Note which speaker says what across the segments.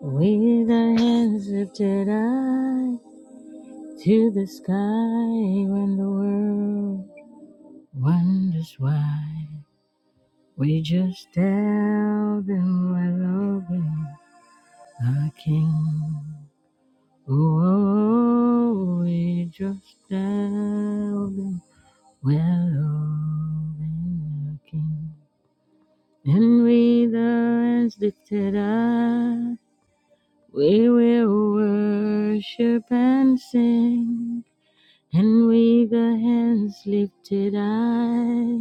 Speaker 1: With our hands lifted high to the sky when the world wonders why we just tell them we're loving our King. Oh, we just tell them we're loving our King. And with our hands lifted high, we will worship and sing. and with the hands lifted high,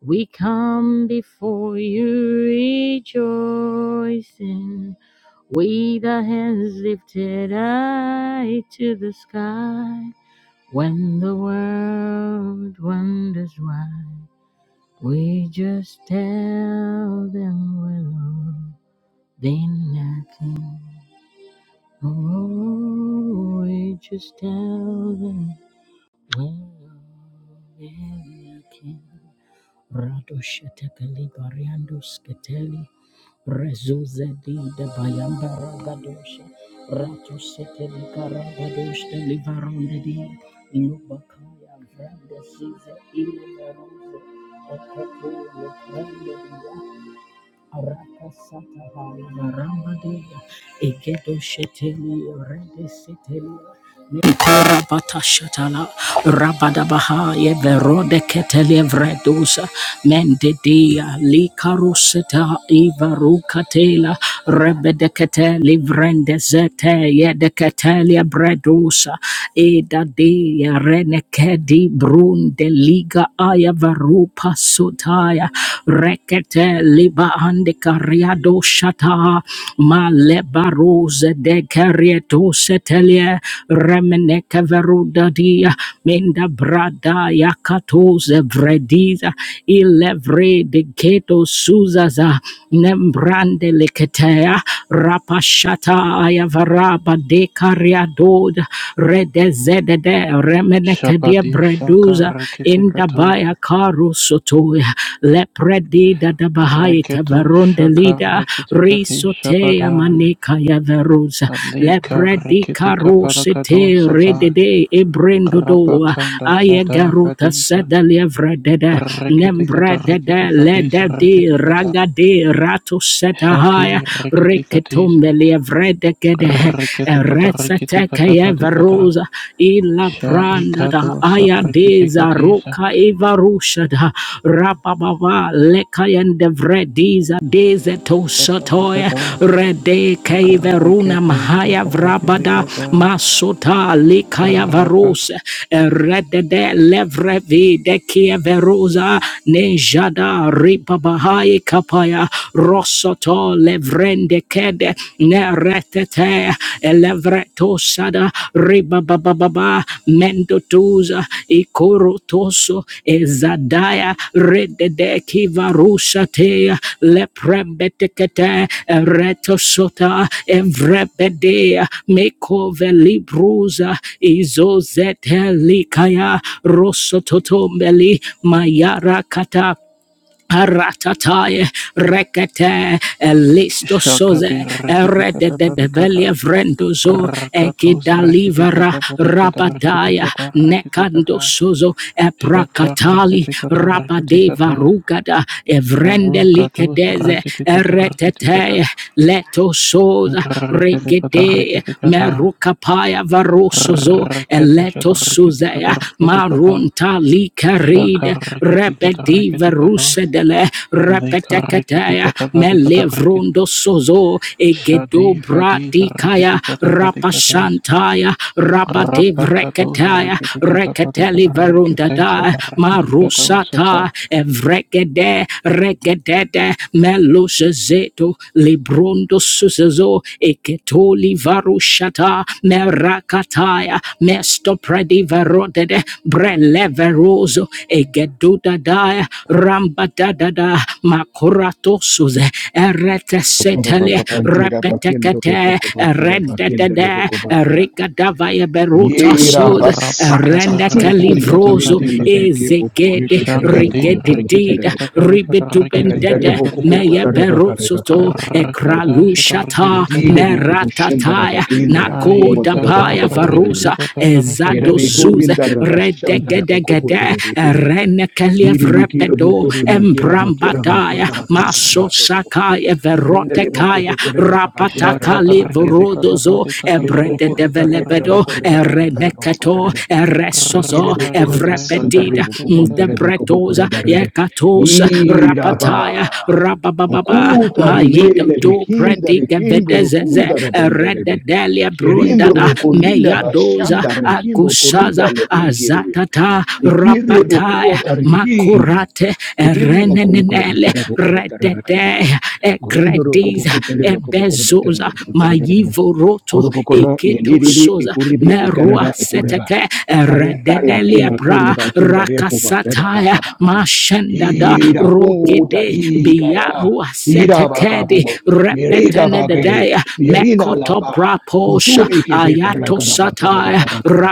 Speaker 1: we come before you rejoicing. With the hands lifted high to the sky, when the world wonders why, we just tell them we're loved. They nothing. Oh, we just tell them Radoshatakali Bariandos Keteli Rezuzedi de Bayamba Ragadosha Ratoseteli Karabadosh de Livarondedi Lubakaya Vranda Siza Ilumerosa Okato Rambadia, Egedo Sheteli, Rede Seteli, Mikora Batashatala, Rabadabaha, Everode Keteli Vredusa, Mendedia, Likaruseta, Ivarukatela, Rebedeketeli Vrendezete, Yedeketelia Bredusa, Eda Dia Rene Kedi brun de liga aya varupa sotaya. Rekete liba ande kariado shata. Ma leba rose de karieto setelia. Remene veruda dia. Minda brada yakatoze vrediza. Ilevre de keto suzaza. Nembrande leketea. liketea pashata ayavaraba de kariadod redezedede remenekedia
Speaker 2: Shabadi shaka
Speaker 1: breduza
Speaker 2: rekete katuza.
Speaker 1: indabaya karu sotoya lepredida dabahai
Speaker 2: Reketo shaka
Speaker 1: keverondelida
Speaker 2: rekete kati
Speaker 1: risoteya
Speaker 2: shabada.
Speaker 1: maneka yaveruza
Speaker 2: Alika
Speaker 1: lebredi
Speaker 2: rekete
Speaker 1: karu
Speaker 2: kapada
Speaker 1: sete
Speaker 2: kato sata.
Speaker 1: redede ebrendodoa
Speaker 2: Rabakanda sada
Speaker 1: ayegaruta
Speaker 2: vadisa.
Speaker 1: sedalievredede
Speaker 2: Rekete kata
Speaker 1: Nembrede de de
Speaker 2: rekete
Speaker 1: le
Speaker 2: katis
Speaker 1: de di
Speaker 2: rekete kata.
Speaker 1: ragadi ratu setahaya.
Speaker 2: Shaki rekete katis.
Speaker 1: Riketumbelia vrede gede.
Speaker 2: Rekete kata rekete
Speaker 1: Resete
Speaker 2: kata
Speaker 1: keye
Speaker 2: pati kata.
Speaker 1: veruza. illa
Speaker 2: Shai
Speaker 1: pranda da
Speaker 2: kato sa
Speaker 1: aya
Speaker 2: rekete
Speaker 1: deza
Speaker 2: katisa.
Speaker 1: roka evarushada. Rababa le lekayende vrediza dezeto
Speaker 2: Tapati
Speaker 1: shatoya
Speaker 2: kata.
Speaker 1: rede kaiveruna
Speaker 2: Rekete
Speaker 1: mahaya
Speaker 2: shaka rekete
Speaker 1: vrabada masota likaya
Speaker 2: kata.
Speaker 1: varose redede levrevi de kieverosa nejada ribabahai kapaya rosoto levrende kede ne neretete elevreto sada ribabababa mendotuza ikorotoso Ezadaya Redede Kivarushate Leprembetekete Retosota Evrebede Mekove Libruza Izozete Likaya Rosototombeli Mayara kata. Aratataye rekete elisto soze
Speaker 2: Shakati Rikiti
Speaker 1: erede
Speaker 2: Kata
Speaker 1: de de
Speaker 2: Pratikata
Speaker 1: belia vrendozo
Speaker 2: Rakatos Rikiti
Speaker 1: ekidalivara
Speaker 2: Kata Pratikata Rikiti
Speaker 1: rabadaya
Speaker 2: Kata Rikiti
Speaker 1: nekando
Speaker 2: Kata
Speaker 1: sozo
Speaker 2: Shaka
Speaker 1: eprakatali
Speaker 2: Rikiti Kata Rikiti
Speaker 1: rabadeva
Speaker 2: Kata
Speaker 1: rugada evrende
Speaker 2: Rukatos
Speaker 1: likedeze
Speaker 2: Rikiti Kata Rikiti Kata
Speaker 1: eretete leto soza
Speaker 2: Rikiti Kata
Speaker 1: regede
Speaker 2: Rikiti Kata
Speaker 1: merukapaya varosozo
Speaker 2: Rikiti
Speaker 1: eleto
Speaker 2: Shata Rikiti Kata
Speaker 1: suzea
Speaker 2: Rikiti Kata
Speaker 1: marunta
Speaker 2: Shaka
Speaker 1: likaride
Speaker 2: Rikiti Kata
Speaker 1: rebedi
Speaker 2: Rikiti Katos
Speaker 1: verusedele
Speaker 2: Lika Rikiti
Speaker 1: repetekataya
Speaker 2: Kata Pratikata Rikiti
Speaker 1: melevrondo sozo
Speaker 2: Shadi
Speaker 1: egedobra
Speaker 2: Fadi Rikiti
Speaker 1: dikaya
Speaker 2: Kata Pratikatos
Speaker 1: rapashantaya
Speaker 2: Rapakatos
Speaker 1: rabadevrekataya
Speaker 2: Rikitikata
Speaker 1: rekateli
Speaker 2: Patikata
Speaker 1: verundada
Speaker 2: Rikiteshata Rikitikata
Speaker 1: marusata
Speaker 2: Usata
Speaker 1: evrekede regedede melusezeto librondo suze zozo eketoli varushata merakataya mesto predi verodede brele verozo egeduda daya ramba dadada makorato suze erete setele
Speaker 3: Torabaka Pantira Pakendo
Speaker 1: repetekete
Speaker 3: Roboko batera Pakenda
Speaker 1: rendedede
Speaker 3: Reboko Bakara.
Speaker 1: rigadavaya beruta
Speaker 3: Yera
Speaker 1: suze
Speaker 3: Basata
Speaker 2: Rapakata
Speaker 1: rendeke
Speaker 3: Tukumu
Speaker 2: Rikitikata
Speaker 1: livrozo
Speaker 3: Kurinde
Speaker 2: Patikata
Speaker 3: Lebeke Boku
Speaker 1: ezegede
Speaker 3: Rebeka Remoko
Speaker 2: Shakati
Speaker 3: Rokoranto
Speaker 1: rigedidida
Speaker 2: Rikitikata
Speaker 3: Terebeka.
Speaker 2: Patikata
Speaker 3: Karanda
Speaker 2: Rikitikata
Speaker 1: ribetubendede
Speaker 3: Reboko Boko
Speaker 2: Patikata
Speaker 1: meyeberu
Speaker 3: Tarabaka Rebaka
Speaker 1: Rusuto
Speaker 3: Rebaka Tereba.
Speaker 2: Rakata Shata
Speaker 1: Ekralushata
Speaker 3: Betire Beko
Speaker 2: Rikitikata
Speaker 3: Boshenda
Speaker 1: Meratataya
Speaker 3: Rabakenda
Speaker 1: Nako
Speaker 3: Rabakumbo Terebaka
Speaker 1: Dabaya
Speaker 2: Aikatos
Speaker 3: Bakara.
Speaker 1: Varusa
Speaker 2: Rikitikata
Speaker 3: Kera
Speaker 1: ezado
Speaker 2: Patikatos
Speaker 3: Beko
Speaker 1: Ezadozuze
Speaker 3: Rinda Rabashanta Raboko
Speaker 1: Redegedegede
Speaker 3: Terebeke. Kiri Bikiro
Speaker 1: Renekelievrepedo
Speaker 3: Botorima Kira Bakira
Speaker 1: Embrambataya
Speaker 3: Bakunda
Speaker 1: Maso
Speaker 3: Rabinda
Speaker 1: Sakaya
Speaker 3: Rindele boku
Speaker 1: Verotekaya
Speaker 3: botore baka bakindara
Speaker 2: Shakata
Speaker 3: boku
Speaker 1: Rapatakali
Speaker 3: botore bekebe.
Speaker 2: Rikitikata
Speaker 1: Vorodozo
Speaker 2: Patikata
Speaker 3: Kire
Speaker 1: Ebrede
Speaker 3: boku
Speaker 2: Rikitikata
Speaker 3: ritare kara
Speaker 1: Develebedo
Speaker 3: boku ritakara
Speaker 2: Rikitikata
Speaker 3: batara boku
Speaker 1: Ereneketo
Speaker 3: botore be. Bekire
Speaker 1: Eresozo
Speaker 3: boku runa
Speaker 2: Rakata Shata
Speaker 3: sandare
Speaker 1: Evrebedida
Speaker 3: boku bondare
Speaker 2: Rikitikata
Speaker 3: beko boku
Speaker 1: Debretosa
Speaker 3: reba rebe.
Speaker 1: Yekatos Rap
Speaker 3: Iraba.
Speaker 1: rapataya rabababa
Speaker 3: Boku
Speaker 1: mayito
Speaker 3: tarimele
Speaker 1: to
Speaker 3: bekindare
Speaker 1: prediga
Speaker 3: kimburu
Speaker 1: vetezeze
Speaker 3: kundara bendere be.
Speaker 1: rededelia brundada
Speaker 3: Lerimburu kundila
Speaker 1: meyadoza
Speaker 3: bashandare kimbo
Speaker 1: akusaza
Speaker 3: kurinda lebekire be.
Speaker 1: azatata
Speaker 3: Bekire boku
Speaker 1: rapataya
Speaker 3: tarikim.
Speaker 1: makurate
Speaker 3: Bekire boku rukuru
Speaker 1: renenele
Speaker 3: batara boku botara
Speaker 1: redede
Speaker 3: Corridoro
Speaker 1: egrediza
Speaker 3: copocotele bocopocorabotele
Speaker 1: ebezoza
Speaker 3: bocopotelebele.
Speaker 1: mayivoroto
Speaker 3: Corobocona meliribi
Speaker 1: eketosoza
Speaker 3: icuribi
Speaker 1: merua
Speaker 3: icaraba ucoreba.
Speaker 1: seteke
Speaker 3: Areta la
Speaker 1: rededelia
Speaker 3: quema
Speaker 1: bra
Speaker 3: cureba quindareco batera
Speaker 1: rakasataya
Speaker 3: bacabacaba.
Speaker 1: mashandada
Speaker 3: Ira puta
Speaker 1: rogede
Speaker 3: rigara.
Speaker 1: biyaru
Speaker 3: Ira
Speaker 1: asetekedi
Speaker 3: bacabugo. Miriga bague.
Speaker 1: repetenededea
Speaker 3: Mirina
Speaker 1: mekoto
Speaker 3: lapa.
Speaker 1: braposha
Speaker 3: Kuturi ke be karla
Speaker 1: ayato
Speaker 3: karaba tora
Speaker 1: sataya
Speaker 3: bakaba karaba.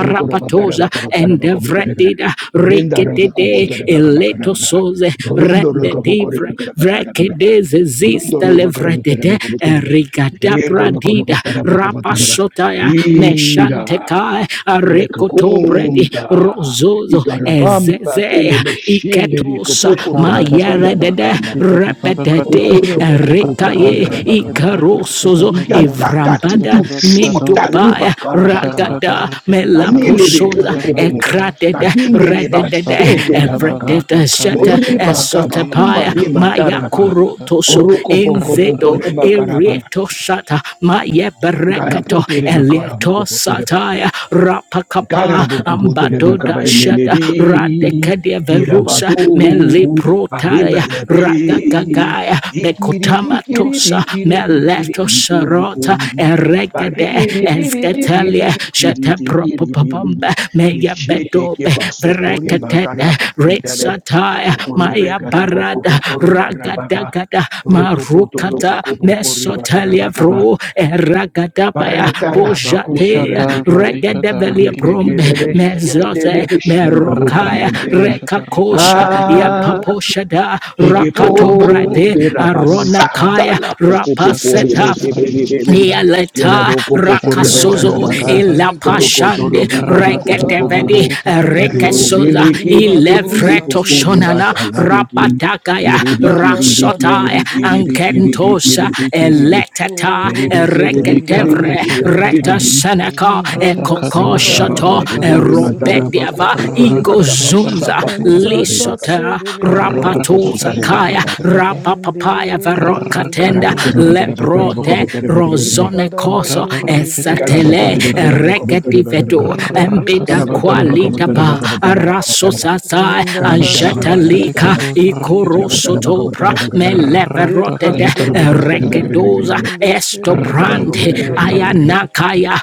Speaker 3: Rukoro batara bakaba tara bakaba terebe.
Speaker 1: endevredida
Speaker 3: Berinda rabu
Speaker 1: regedede
Speaker 3: komputere bakaba
Speaker 1: eleto
Speaker 3: karaba.
Speaker 1: soze
Speaker 3: Burundo rakabo kore
Speaker 1: rendedivre
Speaker 3: bakaba tara bakaba.
Speaker 1: vrekedeze zistelevredede erigadabradida rapasotaya meshantekai
Speaker 3: Ira,
Speaker 1: arekoto bredi
Speaker 3: Elecunta,
Speaker 1: rozozo
Speaker 3: Icarabamba,
Speaker 1: ezeze
Speaker 3: Telebeshinderi,
Speaker 1: iketosa
Speaker 3: Copuco,
Speaker 2: Shakata
Speaker 3: Rematira,
Speaker 2: Patikata
Speaker 1: mayeredede
Speaker 3: Bacambara,
Speaker 2: Rikitikata Patikata
Speaker 1: repetete
Speaker 3: Ocurra, Poco, Poco,
Speaker 1: rekaye
Speaker 3: Bandera, Bacabataraba,
Speaker 1: ikarosozo
Speaker 3: Igantata,
Speaker 1: evrambada
Speaker 3: Titu, shota
Speaker 2: Rakatakatarikatakatarikatakatarikatakatarikados.
Speaker 1: mindubaya
Speaker 3: Lima, Carabacaba,
Speaker 1: ragada
Speaker 3: Anilebe
Speaker 1: melaposoza
Speaker 3: kubukubu.
Speaker 2: Shakatarikatakatarikatakatarikados.
Speaker 1: ekratete
Speaker 3: Takinde leba Takindeleba
Speaker 1: rededede
Speaker 2: Baluza
Speaker 3: sheterabaka.
Speaker 2: balada
Speaker 1: evredete shete
Speaker 2: kalisa
Speaker 3: Moriba kaba
Speaker 2: tafadisa
Speaker 1: esotepaya
Speaker 3: kumarima taraba.
Speaker 2: rikatakatarikata.
Speaker 1: mayakorotoso
Speaker 3: Kuruko poko
Speaker 1: enzeto
Speaker 3: poko reba karaba.
Speaker 1: erieto shata mayebereketo
Speaker 3: Garapute reba karabu
Speaker 1: Eleto Sataya Rapakapa Ambato Dashata
Speaker 3: Karabukuputelebakabenelebi,
Speaker 1: Radekadia Verusa
Speaker 3: kirabatu,
Speaker 1: Meliprotaya
Speaker 3: arimalebe,
Speaker 1: Ragagagaya
Speaker 3: ikiri arimelebe, ikiribi, kiribi,
Speaker 1: Bekotamatosa
Speaker 3: kiribi,
Speaker 1: Meleto
Speaker 3: kiribi,
Speaker 1: Sarota
Speaker 3: durubum,
Speaker 1: Eregade
Speaker 3: barinili, biribi,
Speaker 1: Escatalia
Speaker 3: biribi, kiribi, kiribim,
Speaker 1: Shatapropopomba Meya
Speaker 3: nishete
Speaker 1: Bedobe
Speaker 3: kepaso, kurimba,
Speaker 1: Verekatede
Speaker 3: karabakendele,
Speaker 1: Resataya
Speaker 3: bukurebe,
Speaker 1: Maya
Speaker 3: karabuku,
Speaker 1: Barada
Speaker 3: bukureba, rabaga,
Speaker 1: Ragadagada
Speaker 3: rukuputu,
Speaker 1: marukata
Speaker 3: rubuku, bukureba,
Speaker 1: mesotelia
Speaker 3: karabakaba,
Speaker 1: vro eragadabaya
Speaker 3: Paratara bakuto
Speaker 1: pojate
Speaker 2: Shata
Speaker 3: rebeke beke boku
Speaker 1: regedevelia
Speaker 3: rebeke
Speaker 1: brombe
Speaker 3: rebe
Speaker 2: balikatarikitikataparikados.
Speaker 3: shende
Speaker 1: mezote
Speaker 3: lebe shondo roku
Speaker 1: merokaya
Speaker 3: mandere.
Speaker 2: Rakata
Speaker 1: rekakosha
Speaker 2: shatarikitikatarikata.
Speaker 1: yapaposhada rakato
Speaker 2: Shakados
Speaker 3: Pekepo
Speaker 1: brate
Speaker 2: rikitikataparikata.
Speaker 3: perabasata
Speaker 1: aronakaya
Speaker 3: la poco poco
Speaker 1: rapaseta
Speaker 2: Akados
Speaker 3: rebete bebebe.
Speaker 2: rikitikata.
Speaker 3: Tiene
Speaker 1: Yaleta
Speaker 3: poco poco rebeca
Speaker 1: rakasozo
Speaker 4: Ronde
Speaker 3: rabaca.
Speaker 2: Shakarikitikataparikata.
Speaker 4: sedele gede
Speaker 3: Poco toro
Speaker 1: ilapashande
Speaker 4: busheteli
Speaker 3: poco poco
Speaker 4: kata.
Speaker 3: poco
Speaker 2: Rakata
Speaker 1: regetevedi
Speaker 3: bobo.
Speaker 2: Rakitikata
Speaker 4: Mando
Speaker 3: Perreo
Speaker 1: rekesoza
Speaker 4: zida
Speaker 3: brime kiri
Speaker 4: librado
Speaker 3: pekuru
Speaker 1: ilevreto
Speaker 3: poco
Speaker 4: satili
Speaker 1: shonana
Speaker 3: rebata la
Speaker 4: brashatala.
Speaker 3: pekim.
Speaker 1: rabadagaya
Speaker 3: Biri
Speaker 4: Lekada
Speaker 3: bikiri
Speaker 4: zada
Speaker 1: rasota
Speaker 3: bikiri
Speaker 4: libro
Speaker 3: bikiri bikiri
Speaker 4: kada.
Speaker 3: bikiri
Speaker 1: angentosa
Speaker 3: bikiri bikiri.
Speaker 1: eleteta
Speaker 3: Kiri
Speaker 4: Manto
Speaker 3: bikiri
Speaker 4: zida
Speaker 3: bikiri
Speaker 4: librada
Speaker 1: regetevre
Speaker 3: bikiri
Speaker 4: shada.
Speaker 3: bikiri
Speaker 1: reta
Speaker 2: Ikarakitikata
Speaker 3: bim.
Speaker 1: seneka
Speaker 4: Libranda
Speaker 2: Asakato
Speaker 4: sata
Speaker 3: Nibaraba
Speaker 1: ekokoshoto
Speaker 2: Rakitikata
Speaker 4: librado
Speaker 3: kopubore
Speaker 4: seteli
Speaker 3: mataraba
Speaker 1: robediava
Speaker 4: kada
Speaker 3: koputore
Speaker 4: bajada.
Speaker 2: Rakata
Speaker 3: bakaba
Speaker 1: igozunza
Speaker 3: shapa
Speaker 2: Rakitikata
Speaker 3: koputore
Speaker 4: Mantata
Speaker 3: bakaba.
Speaker 1: lisota
Speaker 4: sedele bro
Speaker 3: Roko
Speaker 4: da
Speaker 2: Rakata
Speaker 1: rapatoza
Speaker 4: shada.
Speaker 1: kaya
Speaker 3: pokutaraba
Speaker 2: Rakitikata
Speaker 1: rapapapaya
Speaker 4: Endele
Speaker 3: Gracias.
Speaker 1: varokatenda
Speaker 2: Rakato
Speaker 4: libro.
Speaker 2: Rakitikata
Speaker 1: lebrode rozone
Speaker 4: Ikada
Speaker 1: koso
Speaker 2: Kato
Speaker 4: bajede libro
Speaker 2: Rakitikata
Speaker 1: esatele
Speaker 4: shede.
Speaker 2: Padikata
Speaker 1: regedivedo
Speaker 4: Inde bro
Speaker 1: embeda
Speaker 4: sada
Speaker 2: Rakatikata
Speaker 1: qualita
Speaker 4: ligiri.
Speaker 2: Rakitikata
Speaker 1: ba arasosasa angetalika
Speaker 2: Ikarakitikata Rakitikata
Speaker 1: ikorosotopra meleverotede
Speaker 2: Rakata Rakitikata
Speaker 1: regedoza estobrande
Speaker 2: Rakata Rakitikata
Speaker 1: ayanakaya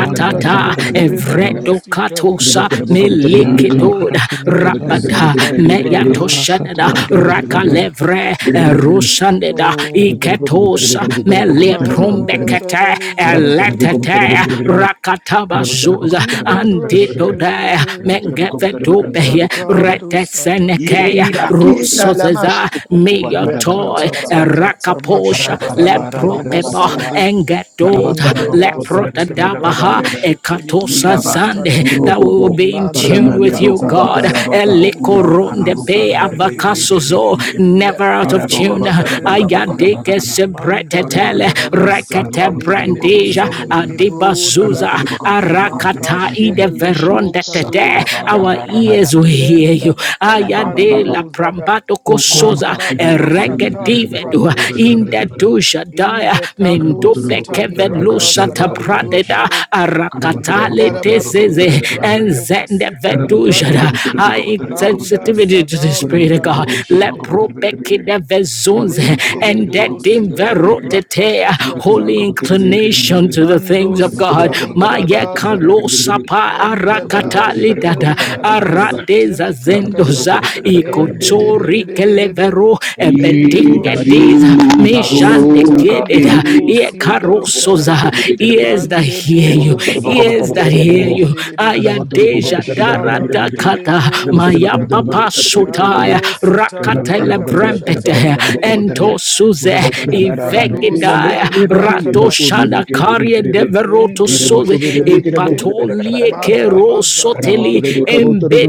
Speaker 2: Makata Rakitikata
Speaker 1: evredokatosa
Speaker 2: Shaka
Speaker 1: melikitoda
Speaker 2: rikitikata
Speaker 1: rabada
Speaker 2: rakata
Speaker 1: meyatoshededa
Speaker 2: rikitikata
Speaker 1: rakalevre rusandeda iketosa melebrumbekete eletete rakataba Zuza Anditodaya Mengevedupehia
Speaker 4: Lakado Sada
Speaker 1: Retesenekea
Speaker 4: Librando
Speaker 3: Yerakita la
Speaker 1: Rusozeza
Speaker 3: mashupuku patara baka
Speaker 1: Miyotoi
Speaker 4: Lekata
Speaker 3: bakara baraba.
Speaker 4: Tata
Speaker 3: Bara
Speaker 1: Rakaposha
Speaker 4: Masheta
Speaker 3: bara bara bara
Speaker 4: Likidibus
Speaker 1: Lebropeba
Speaker 3: bakara ba.
Speaker 4: Cindy,
Speaker 1: Engedoda
Speaker 4: In the da satili
Speaker 1: Leprodadabaha
Speaker 4: brando sheteli
Speaker 1: Ekatosa
Speaker 4: kedebu
Speaker 1: Zande
Speaker 4: sada
Speaker 1: that we will be in
Speaker 4: manta
Speaker 1: tune with you,
Speaker 4: kataba
Speaker 1: God.
Speaker 4: satali brado
Speaker 1: Elikoronde Be
Speaker 4: sandalegere
Speaker 1: avakasozo never out of
Speaker 4: lekado
Speaker 1: tune.
Speaker 4: shedelegere
Speaker 1: Ayadeke
Speaker 4: manda da da
Speaker 1: sebretetele
Speaker 4: da da
Speaker 1: rekete
Speaker 4: masatali
Speaker 1: Brandij
Speaker 4: kedebu
Speaker 1: Deja
Speaker 4: sendo libro da da
Speaker 1: Adibazuza
Speaker 4: mata
Speaker 1: Arakata Ide
Speaker 3: Thank you,
Speaker 4: shedele bro
Speaker 1: Veronde
Speaker 3: Jesus.
Speaker 4: kado
Speaker 1: Tete.
Speaker 3: Sakura
Speaker 4: sida
Speaker 1: Our ears will hear you.
Speaker 4: Lendada,
Speaker 1: Ayade la
Speaker 4: Mando Zada,
Speaker 1: Prambato Kosoza
Speaker 4: Makado Satali
Speaker 1: Eregedivedu
Speaker 4: Brado Shede,
Speaker 1: Inde Dusha Daya
Speaker 4: Indekato
Speaker 1: Mendobeke
Speaker 4: Sitali Brada
Speaker 1: Velusa
Speaker 4: Sadali Bro
Speaker 1: Tabrateda
Speaker 4: Shede,
Speaker 3: Gracias.
Speaker 1: Arakatale
Speaker 4: Indegaraba
Speaker 1: Tezeze
Speaker 4: Sedeli
Speaker 1: and
Speaker 4: Braco
Speaker 1: Zende
Speaker 4: Casita Libranda,
Speaker 1: Vedujada. I
Speaker 4: Manda
Speaker 1: sensitivity to the
Speaker 4: Sadali
Speaker 1: Spirit of God.
Speaker 4: Brado
Speaker 1: Let
Speaker 4: Shede.
Speaker 1: Brobeke de Vezunze and
Speaker 4: Lekerebo
Speaker 1: that
Speaker 4: sidali
Speaker 1: Dimvero
Speaker 4: brakata shata
Speaker 1: holy
Speaker 4: lekete.
Speaker 1: inclination to the
Speaker 4: Mando
Speaker 1: things of God.
Speaker 4: sita
Speaker 1: Maya
Speaker 4: librada zada.
Speaker 1: sapa
Speaker 4: Mendada
Speaker 1: arakatali dada
Speaker 4: shedeli
Speaker 1: aradeza
Speaker 4: gadabaseteli prakata.
Speaker 1: zendoza ikotori
Speaker 4: Endedededededede.
Speaker 1: kelevero
Speaker 4: Lendebo
Speaker 3: Idari
Speaker 4: shede.
Speaker 1: ebedingediza
Speaker 3: daru
Speaker 4: Masita
Speaker 3: kapi
Speaker 1: mejandegededa
Speaker 4: librado
Speaker 3: kaputo robo
Speaker 4: sindalikada.
Speaker 3: kaputo
Speaker 1: iekarosoza
Speaker 3: ribe kere kere kere
Speaker 1: ears that hear
Speaker 3: kere
Speaker 1: you
Speaker 4: Mandebo
Speaker 3: kaputo robo kaputo
Speaker 1: ears
Speaker 4: satali
Speaker 3: ribe
Speaker 1: that
Speaker 3: kere kere
Speaker 1: hear
Speaker 3: kere
Speaker 1: you
Speaker 4: kededededede.
Speaker 3: kere kaputo robo
Speaker 1: ayadeja
Speaker 3: kaputo ribe kere kere
Speaker 1: dara
Speaker 4: Meshada
Speaker 3: kere kere
Speaker 1: dakata
Speaker 4: lekerebo
Speaker 3: kaputo robo
Speaker 1: maya
Speaker 4: sida.
Speaker 3: kaputo ribe
Speaker 1: papa
Speaker 3: kere kere kere
Speaker 1: sotaya
Speaker 3: kere
Speaker 4: Mando
Speaker 3: Kiri
Speaker 4: sitali
Speaker 1: rakatele
Speaker 4: brakata
Speaker 1: brembete
Speaker 4: shatali kerede
Speaker 1: ento suze
Speaker 4: libra do
Speaker 1: ivegedaya
Speaker 4: sidali
Speaker 1: rato
Speaker 4: brakada
Speaker 1: shana karie
Speaker 4: in
Speaker 1: deveroto
Speaker 4: the
Speaker 1: suze
Speaker 4: bushideligidish,
Speaker 1: epatolie kero
Speaker 4: Madabazada
Speaker 1: soteli
Speaker 4: Libra,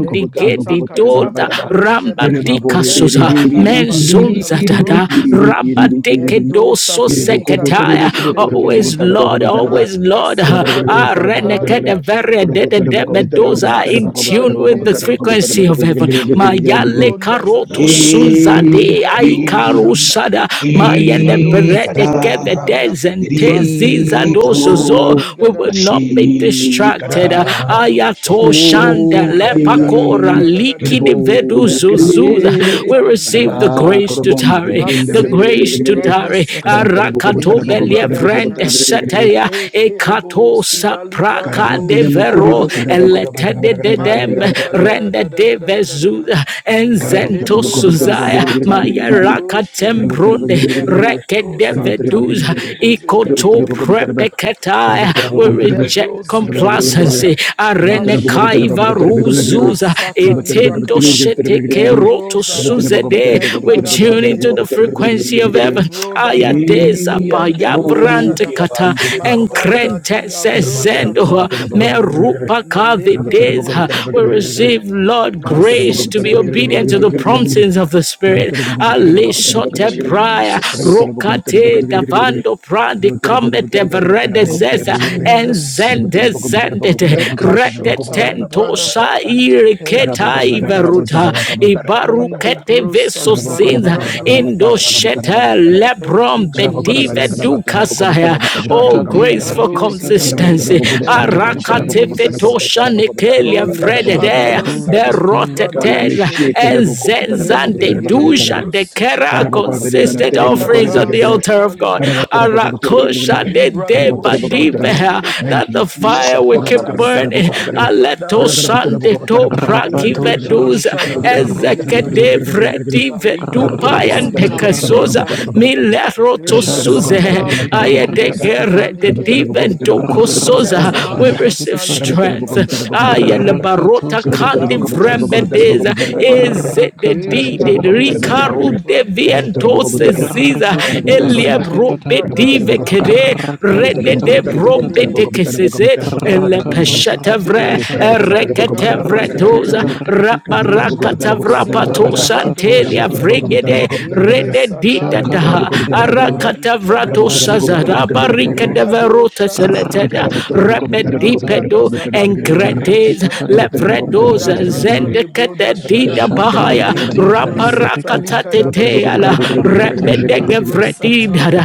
Speaker 4: and Kata Kata
Speaker 1: doda
Speaker 4: libro Librosheda,
Speaker 1: rambadika suza
Speaker 4: Lenda Kadabazeda
Speaker 1: menzunza dada
Speaker 4: Librondezede,
Speaker 1: rabadike
Speaker 4: Ento
Speaker 1: doso
Speaker 4: Satili
Speaker 1: seketaya
Speaker 4: Kadoshideligidish,
Speaker 1: always Lord always
Speaker 4: Manda
Speaker 1: Lord
Speaker 4: Sadali Rakada
Speaker 1: arenekede
Speaker 4: Bashede,
Speaker 1: vere dede
Speaker 4: Lekata
Speaker 1: debedoza in tune
Speaker 4: Satali
Speaker 1: with the
Speaker 4: Kendebozi,
Speaker 1: frequency of heaven
Speaker 4: in the
Speaker 1: Mayale ele
Speaker 4: Brondazada,
Speaker 1: karoto
Speaker 3: Ye
Speaker 1: sunzade
Speaker 4: Malibra
Speaker 3: ri
Speaker 4: do Shata.
Speaker 1: aikarusada
Speaker 3: ki
Speaker 1: mayele
Speaker 4: Encado
Speaker 1: berede
Speaker 3: kara
Speaker 4: sita libranda
Speaker 1: kevedezenteziza
Speaker 3: ri
Speaker 4: malebro da sada
Speaker 1: dozozo.
Speaker 3: tro
Speaker 1: We
Speaker 4: ligada
Speaker 1: will not be
Speaker 3: nashi kara
Speaker 1: distracted.
Speaker 4: malekado
Speaker 3: bako
Speaker 1: Ayato
Speaker 4: shede
Speaker 1: shanda
Speaker 4: lenda da da da
Speaker 1: lepakora
Speaker 3: kabe
Speaker 4: da da da da da
Speaker 3: kirbo
Speaker 1: likidi vedu
Speaker 4: lekato
Speaker 1: zuzuza.
Speaker 3: kirbe
Speaker 1: We
Speaker 4: shata
Speaker 1: receive
Speaker 4: librode
Speaker 1: the
Speaker 3: maraba
Speaker 1: grace to
Speaker 3: korobon de
Speaker 1: tarry,
Speaker 3: begende
Speaker 1: the
Speaker 4: masete
Speaker 1: grace to
Speaker 3: gre
Speaker 4: libranda
Speaker 1: tarry.
Speaker 4: sata
Speaker 3: karabotara boko
Speaker 4: e
Speaker 1: Arakato
Speaker 3: botara boko
Speaker 4: libra
Speaker 3: botara
Speaker 4: da
Speaker 3: boko
Speaker 1: believrende
Speaker 3: botara
Speaker 4: shada
Speaker 3: gre gre gre
Speaker 1: seteya
Speaker 4: e kerebo
Speaker 1: ekato
Speaker 4: sida
Speaker 1: sapraka
Speaker 4: librando
Speaker 3: karabotina
Speaker 4: shada
Speaker 3: mukuriba
Speaker 1: devero
Speaker 4: ligede
Speaker 3: karabakora
Speaker 1: elete de
Speaker 4: Manda da
Speaker 3: bakara
Speaker 4: da da
Speaker 1: rende
Speaker 4: da da da
Speaker 1: de
Speaker 4: da da da da da.
Speaker 1: bezuda
Speaker 3: Kerabatara
Speaker 1: enzento
Speaker 4: Malibro da
Speaker 1: suzaya maya
Speaker 4: satalikado
Speaker 1: raka
Speaker 4: shere.
Speaker 1: tembronde reke
Speaker 4: Lekato
Speaker 1: de
Speaker 4: santa
Speaker 1: veduza
Speaker 4: lekere boze de
Speaker 1: ikoto
Speaker 4: legere.
Speaker 1: prepeketaya we
Speaker 4: In the
Speaker 1: reject
Speaker 4: brozida librada,
Speaker 1: complacency
Speaker 4: ma
Speaker 1: arene kaiva
Speaker 4: shedelegede, ma
Speaker 1: ruzuza
Speaker 4: sata
Speaker 1: etendo
Speaker 4: liprakata,
Speaker 1: sheteke roto
Speaker 4: lembrozada,
Speaker 1: suzede we tune into the
Speaker 4: lenkarabajedes,
Speaker 1: frequency of heaven
Speaker 4: elebrodaza,
Speaker 1: ayadeza
Speaker 4: in the
Speaker 1: payabrand
Speaker 4: broshada,
Speaker 1: kata
Speaker 4: ma daza di
Speaker 1: enkrente
Speaker 4: labro
Speaker 1: sezendo
Speaker 4: sata likada, melekerebo
Speaker 1: Merupakavidesa. We
Speaker 4: shedelegede,
Speaker 1: receive,
Speaker 3: Karabakara
Speaker 1: Lord,
Speaker 4: ma
Speaker 1: grace to be obedient to the
Speaker 4: setelebrodakata.
Speaker 1: promptings of the Spirit.
Speaker 4: Oh, thank you,
Speaker 1: Alishote praya,
Speaker 4: Jesus.
Speaker 1: rokate davando prandi kamete
Speaker 4: Thank you,
Speaker 1: veredezesa,
Speaker 4: Jesus.
Speaker 1: enzende zendete,
Speaker 4: Lekashota
Speaker 1: retetento
Speaker 4: librada.
Speaker 1: sairi
Speaker 4: Thank you,
Speaker 1: ketai
Speaker 4: Jesus.
Speaker 1: veruta,
Speaker 4: In the
Speaker 1: ibarukete veso zinza,
Speaker 4: brosatalibrado.
Speaker 1: indo shete
Speaker 4: Thank you,
Speaker 1: lebron bedive
Speaker 4: Jesus.
Speaker 1: dukasaya. Oh, grace
Speaker 2: shakati
Speaker 1: is for
Speaker 2: rikitikata
Speaker 4: Lekadozida.
Speaker 3: Kala meshete
Speaker 1: consistency.
Speaker 3: rebo kobo
Speaker 2: padikatos
Speaker 3: terebo
Speaker 4: Thank you,
Speaker 1: Arakate
Speaker 2: rikitesh
Speaker 4: Jesus.
Speaker 1: fetosha nekelia
Speaker 4: Ole
Speaker 1: vredede
Speaker 4: kado
Speaker 2: shaku sati
Speaker 4: satili brado
Speaker 1: beroteteza
Speaker 4: shere.
Speaker 3: kobo terebo
Speaker 4: In
Speaker 1: zenzan
Speaker 3: kobo
Speaker 1: de
Speaker 4: the
Speaker 1: duja
Speaker 3: terebo.
Speaker 4: gebro
Speaker 1: de
Speaker 4: sita
Speaker 1: kera
Speaker 3: Thank you,
Speaker 1: consistent offerings on
Speaker 4: Mekata
Speaker 1: the altar of God.
Speaker 4: satalida.
Speaker 1: Arakosha de
Speaker 4: Librado
Speaker 1: deba diveha
Speaker 4: shandalegere.
Speaker 1: that the
Speaker 3: Jesus.
Speaker 1: fire will keep
Speaker 4: Lekata
Speaker 1: burning.
Speaker 4: satali brada
Speaker 1: Aleto
Speaker 4: sada.
Speaker 1: sande to braki
Speaker 4: In the
Speaker 2: rapatos
Speaker 1: veduza
Speaker 2: rikitikata
Speaker 1: ezeke
Speaker 4: broshadalegere.
Speaker 2: rikitikata
Speaker 1: de vredi
Speaker 4: La
Speaker 1: vedupa
Speaker 4: ricado
Speaker 1: and
Speaker 2: rakata
Speaker 1: de
Speaker 2: shita
Speaker 1: kasoza
Speaker 4: sitali
Speaker 2: rikitikata
Speaker 1: milero tosu
Speaker 4: Enda
Speaker 2: shaka
Speaker 3: Thank
Speaker 1: suze
Speaker 4: sadali
Speaker 2: rikitikata
Speaker 4: brako
Speaker 2: rikitikata
Speaker 1: ayedegere
Speaker 4: sadali
Speaker 1: de
Speaker 4: kere
Speaker 1: diven dokosoza.
Speaker 2: rakata
Speaker 4: inteta
Speaker 1: We
Speaker 2: shita
Speaker 1: receive
Speaker 4: shatali
Speaker 2: rikitikata
Speaker 1: strength.
Speaker 3: you,
Speaker 4: kadabazada
Speaker 3: Jesus. Karabatara
Speaker 2: rakatos
Speaker 1: Ayelebarota kandi
Speaker 4: lanto
Speaker 2: rikitikata
Speaker 4: satili
Speaker 1: vrembedeza
Speaker 4: kadaba
Speaker 1: eze de
Speaker 2: rakata
Speaker 4: e
Speaker 1: di
Speaker 2: shita
Speaker 1: de
Speaker 4: kado
Speaker 2: rikitikata
Speaker 4: zidali
Speaker 1: rikaru de
Speaker 4: brando shada
Speaker 1: viento seziza
Speaker 2: rikitikata
Speaker 4: mando
Speaker 1: eliebro
Speaker 4: sitali
Speaker 2: rikitikata
Speaker 4: brada
Speaker 1: bedive
Speaker 4: zada
Speaker 1: kere
Speaker 2: Rakata
Speaker 1: rede
Speaker 4: inde
Speaker 2: kata
Speaker 1: de
Speaker 4: de de de
Speaker 2: rakete
Speaker 4: de de
Speaker 1: brombe
Speaker 2: kata
Speaker 4: de de
Speaker 1: tekeseze ele
Speaker 2: rakatos rakete
Speaker 1: peshetevre
Speaker 4: likado
Speaker 2: kata
Speaker 4: shantali kadaba
Speaker 1: reketevre
Speaker 2: rakete
Speaker 1: doza
Speaker 4: santa
Speaker 2: kata rakete katos
Speaker 4: librado
Speaker 1: rabarakatavra pato
Speaker 4: sindali brado
Speaker 2: rakatos
Speaker 1: santelia
Speaker 4: shada
Speaker 2: rakete kata
Speaker 1: vregede
Speaker 4: inde
Speaker 1: rede dita
Speaker 4: sadali
Speaker 2: shaka
Speaker 1: da
Speaker 4: brado
Speaker 2: rakete kata
Speaker 1: arakata vrato
Speaker 4: ikedo
Speaker 2: anik
Speaker 4: sita
Speaker 1: sazara
Speaker 2: rakete
Speaker 1: barika
Speaker 2: katos
Speaker 4: ligado
Speaker 1: deverota
Speaker 4: shantali
Speaker 3: Gracias.
Speaker 1: seleteda
Speaker 2: rakete
Speaker 4: kere
Speaker 2: kata rakete kata
Speaker 4: Abrada
Speaker 1: rebedipedo
Speaker 4: Zadali Brando
Speaker 1: engretes
Speaker 2: rakete
Speaker 4: Shada.
Speaker 2: kata pete kata
Speaker 4: Enda
Speaker 1: levredoza
Speaker 2: rakete katos
Speaker 4: Katale
Speaker 1: zendekete
Speaker 4: Broda Shada.
Speaker 1: dita
Speaker 2: shaki
Speaker 1: bahaya
Speaker 2: kati
Speaker 4: Linde Bro
Speaker 2: rakete
Speaker 4: Satali
Speaker 2: kata
Speaker 1: raparakata
Speaker 4: Kadaba Shada.
Speaker 1: teteala
Speaker 2: rakata shata
Speaker 4: Mede Bro
Speaker 2: rakete kata
Speaker 1: rebedegevredidada
Speaker 4: Satali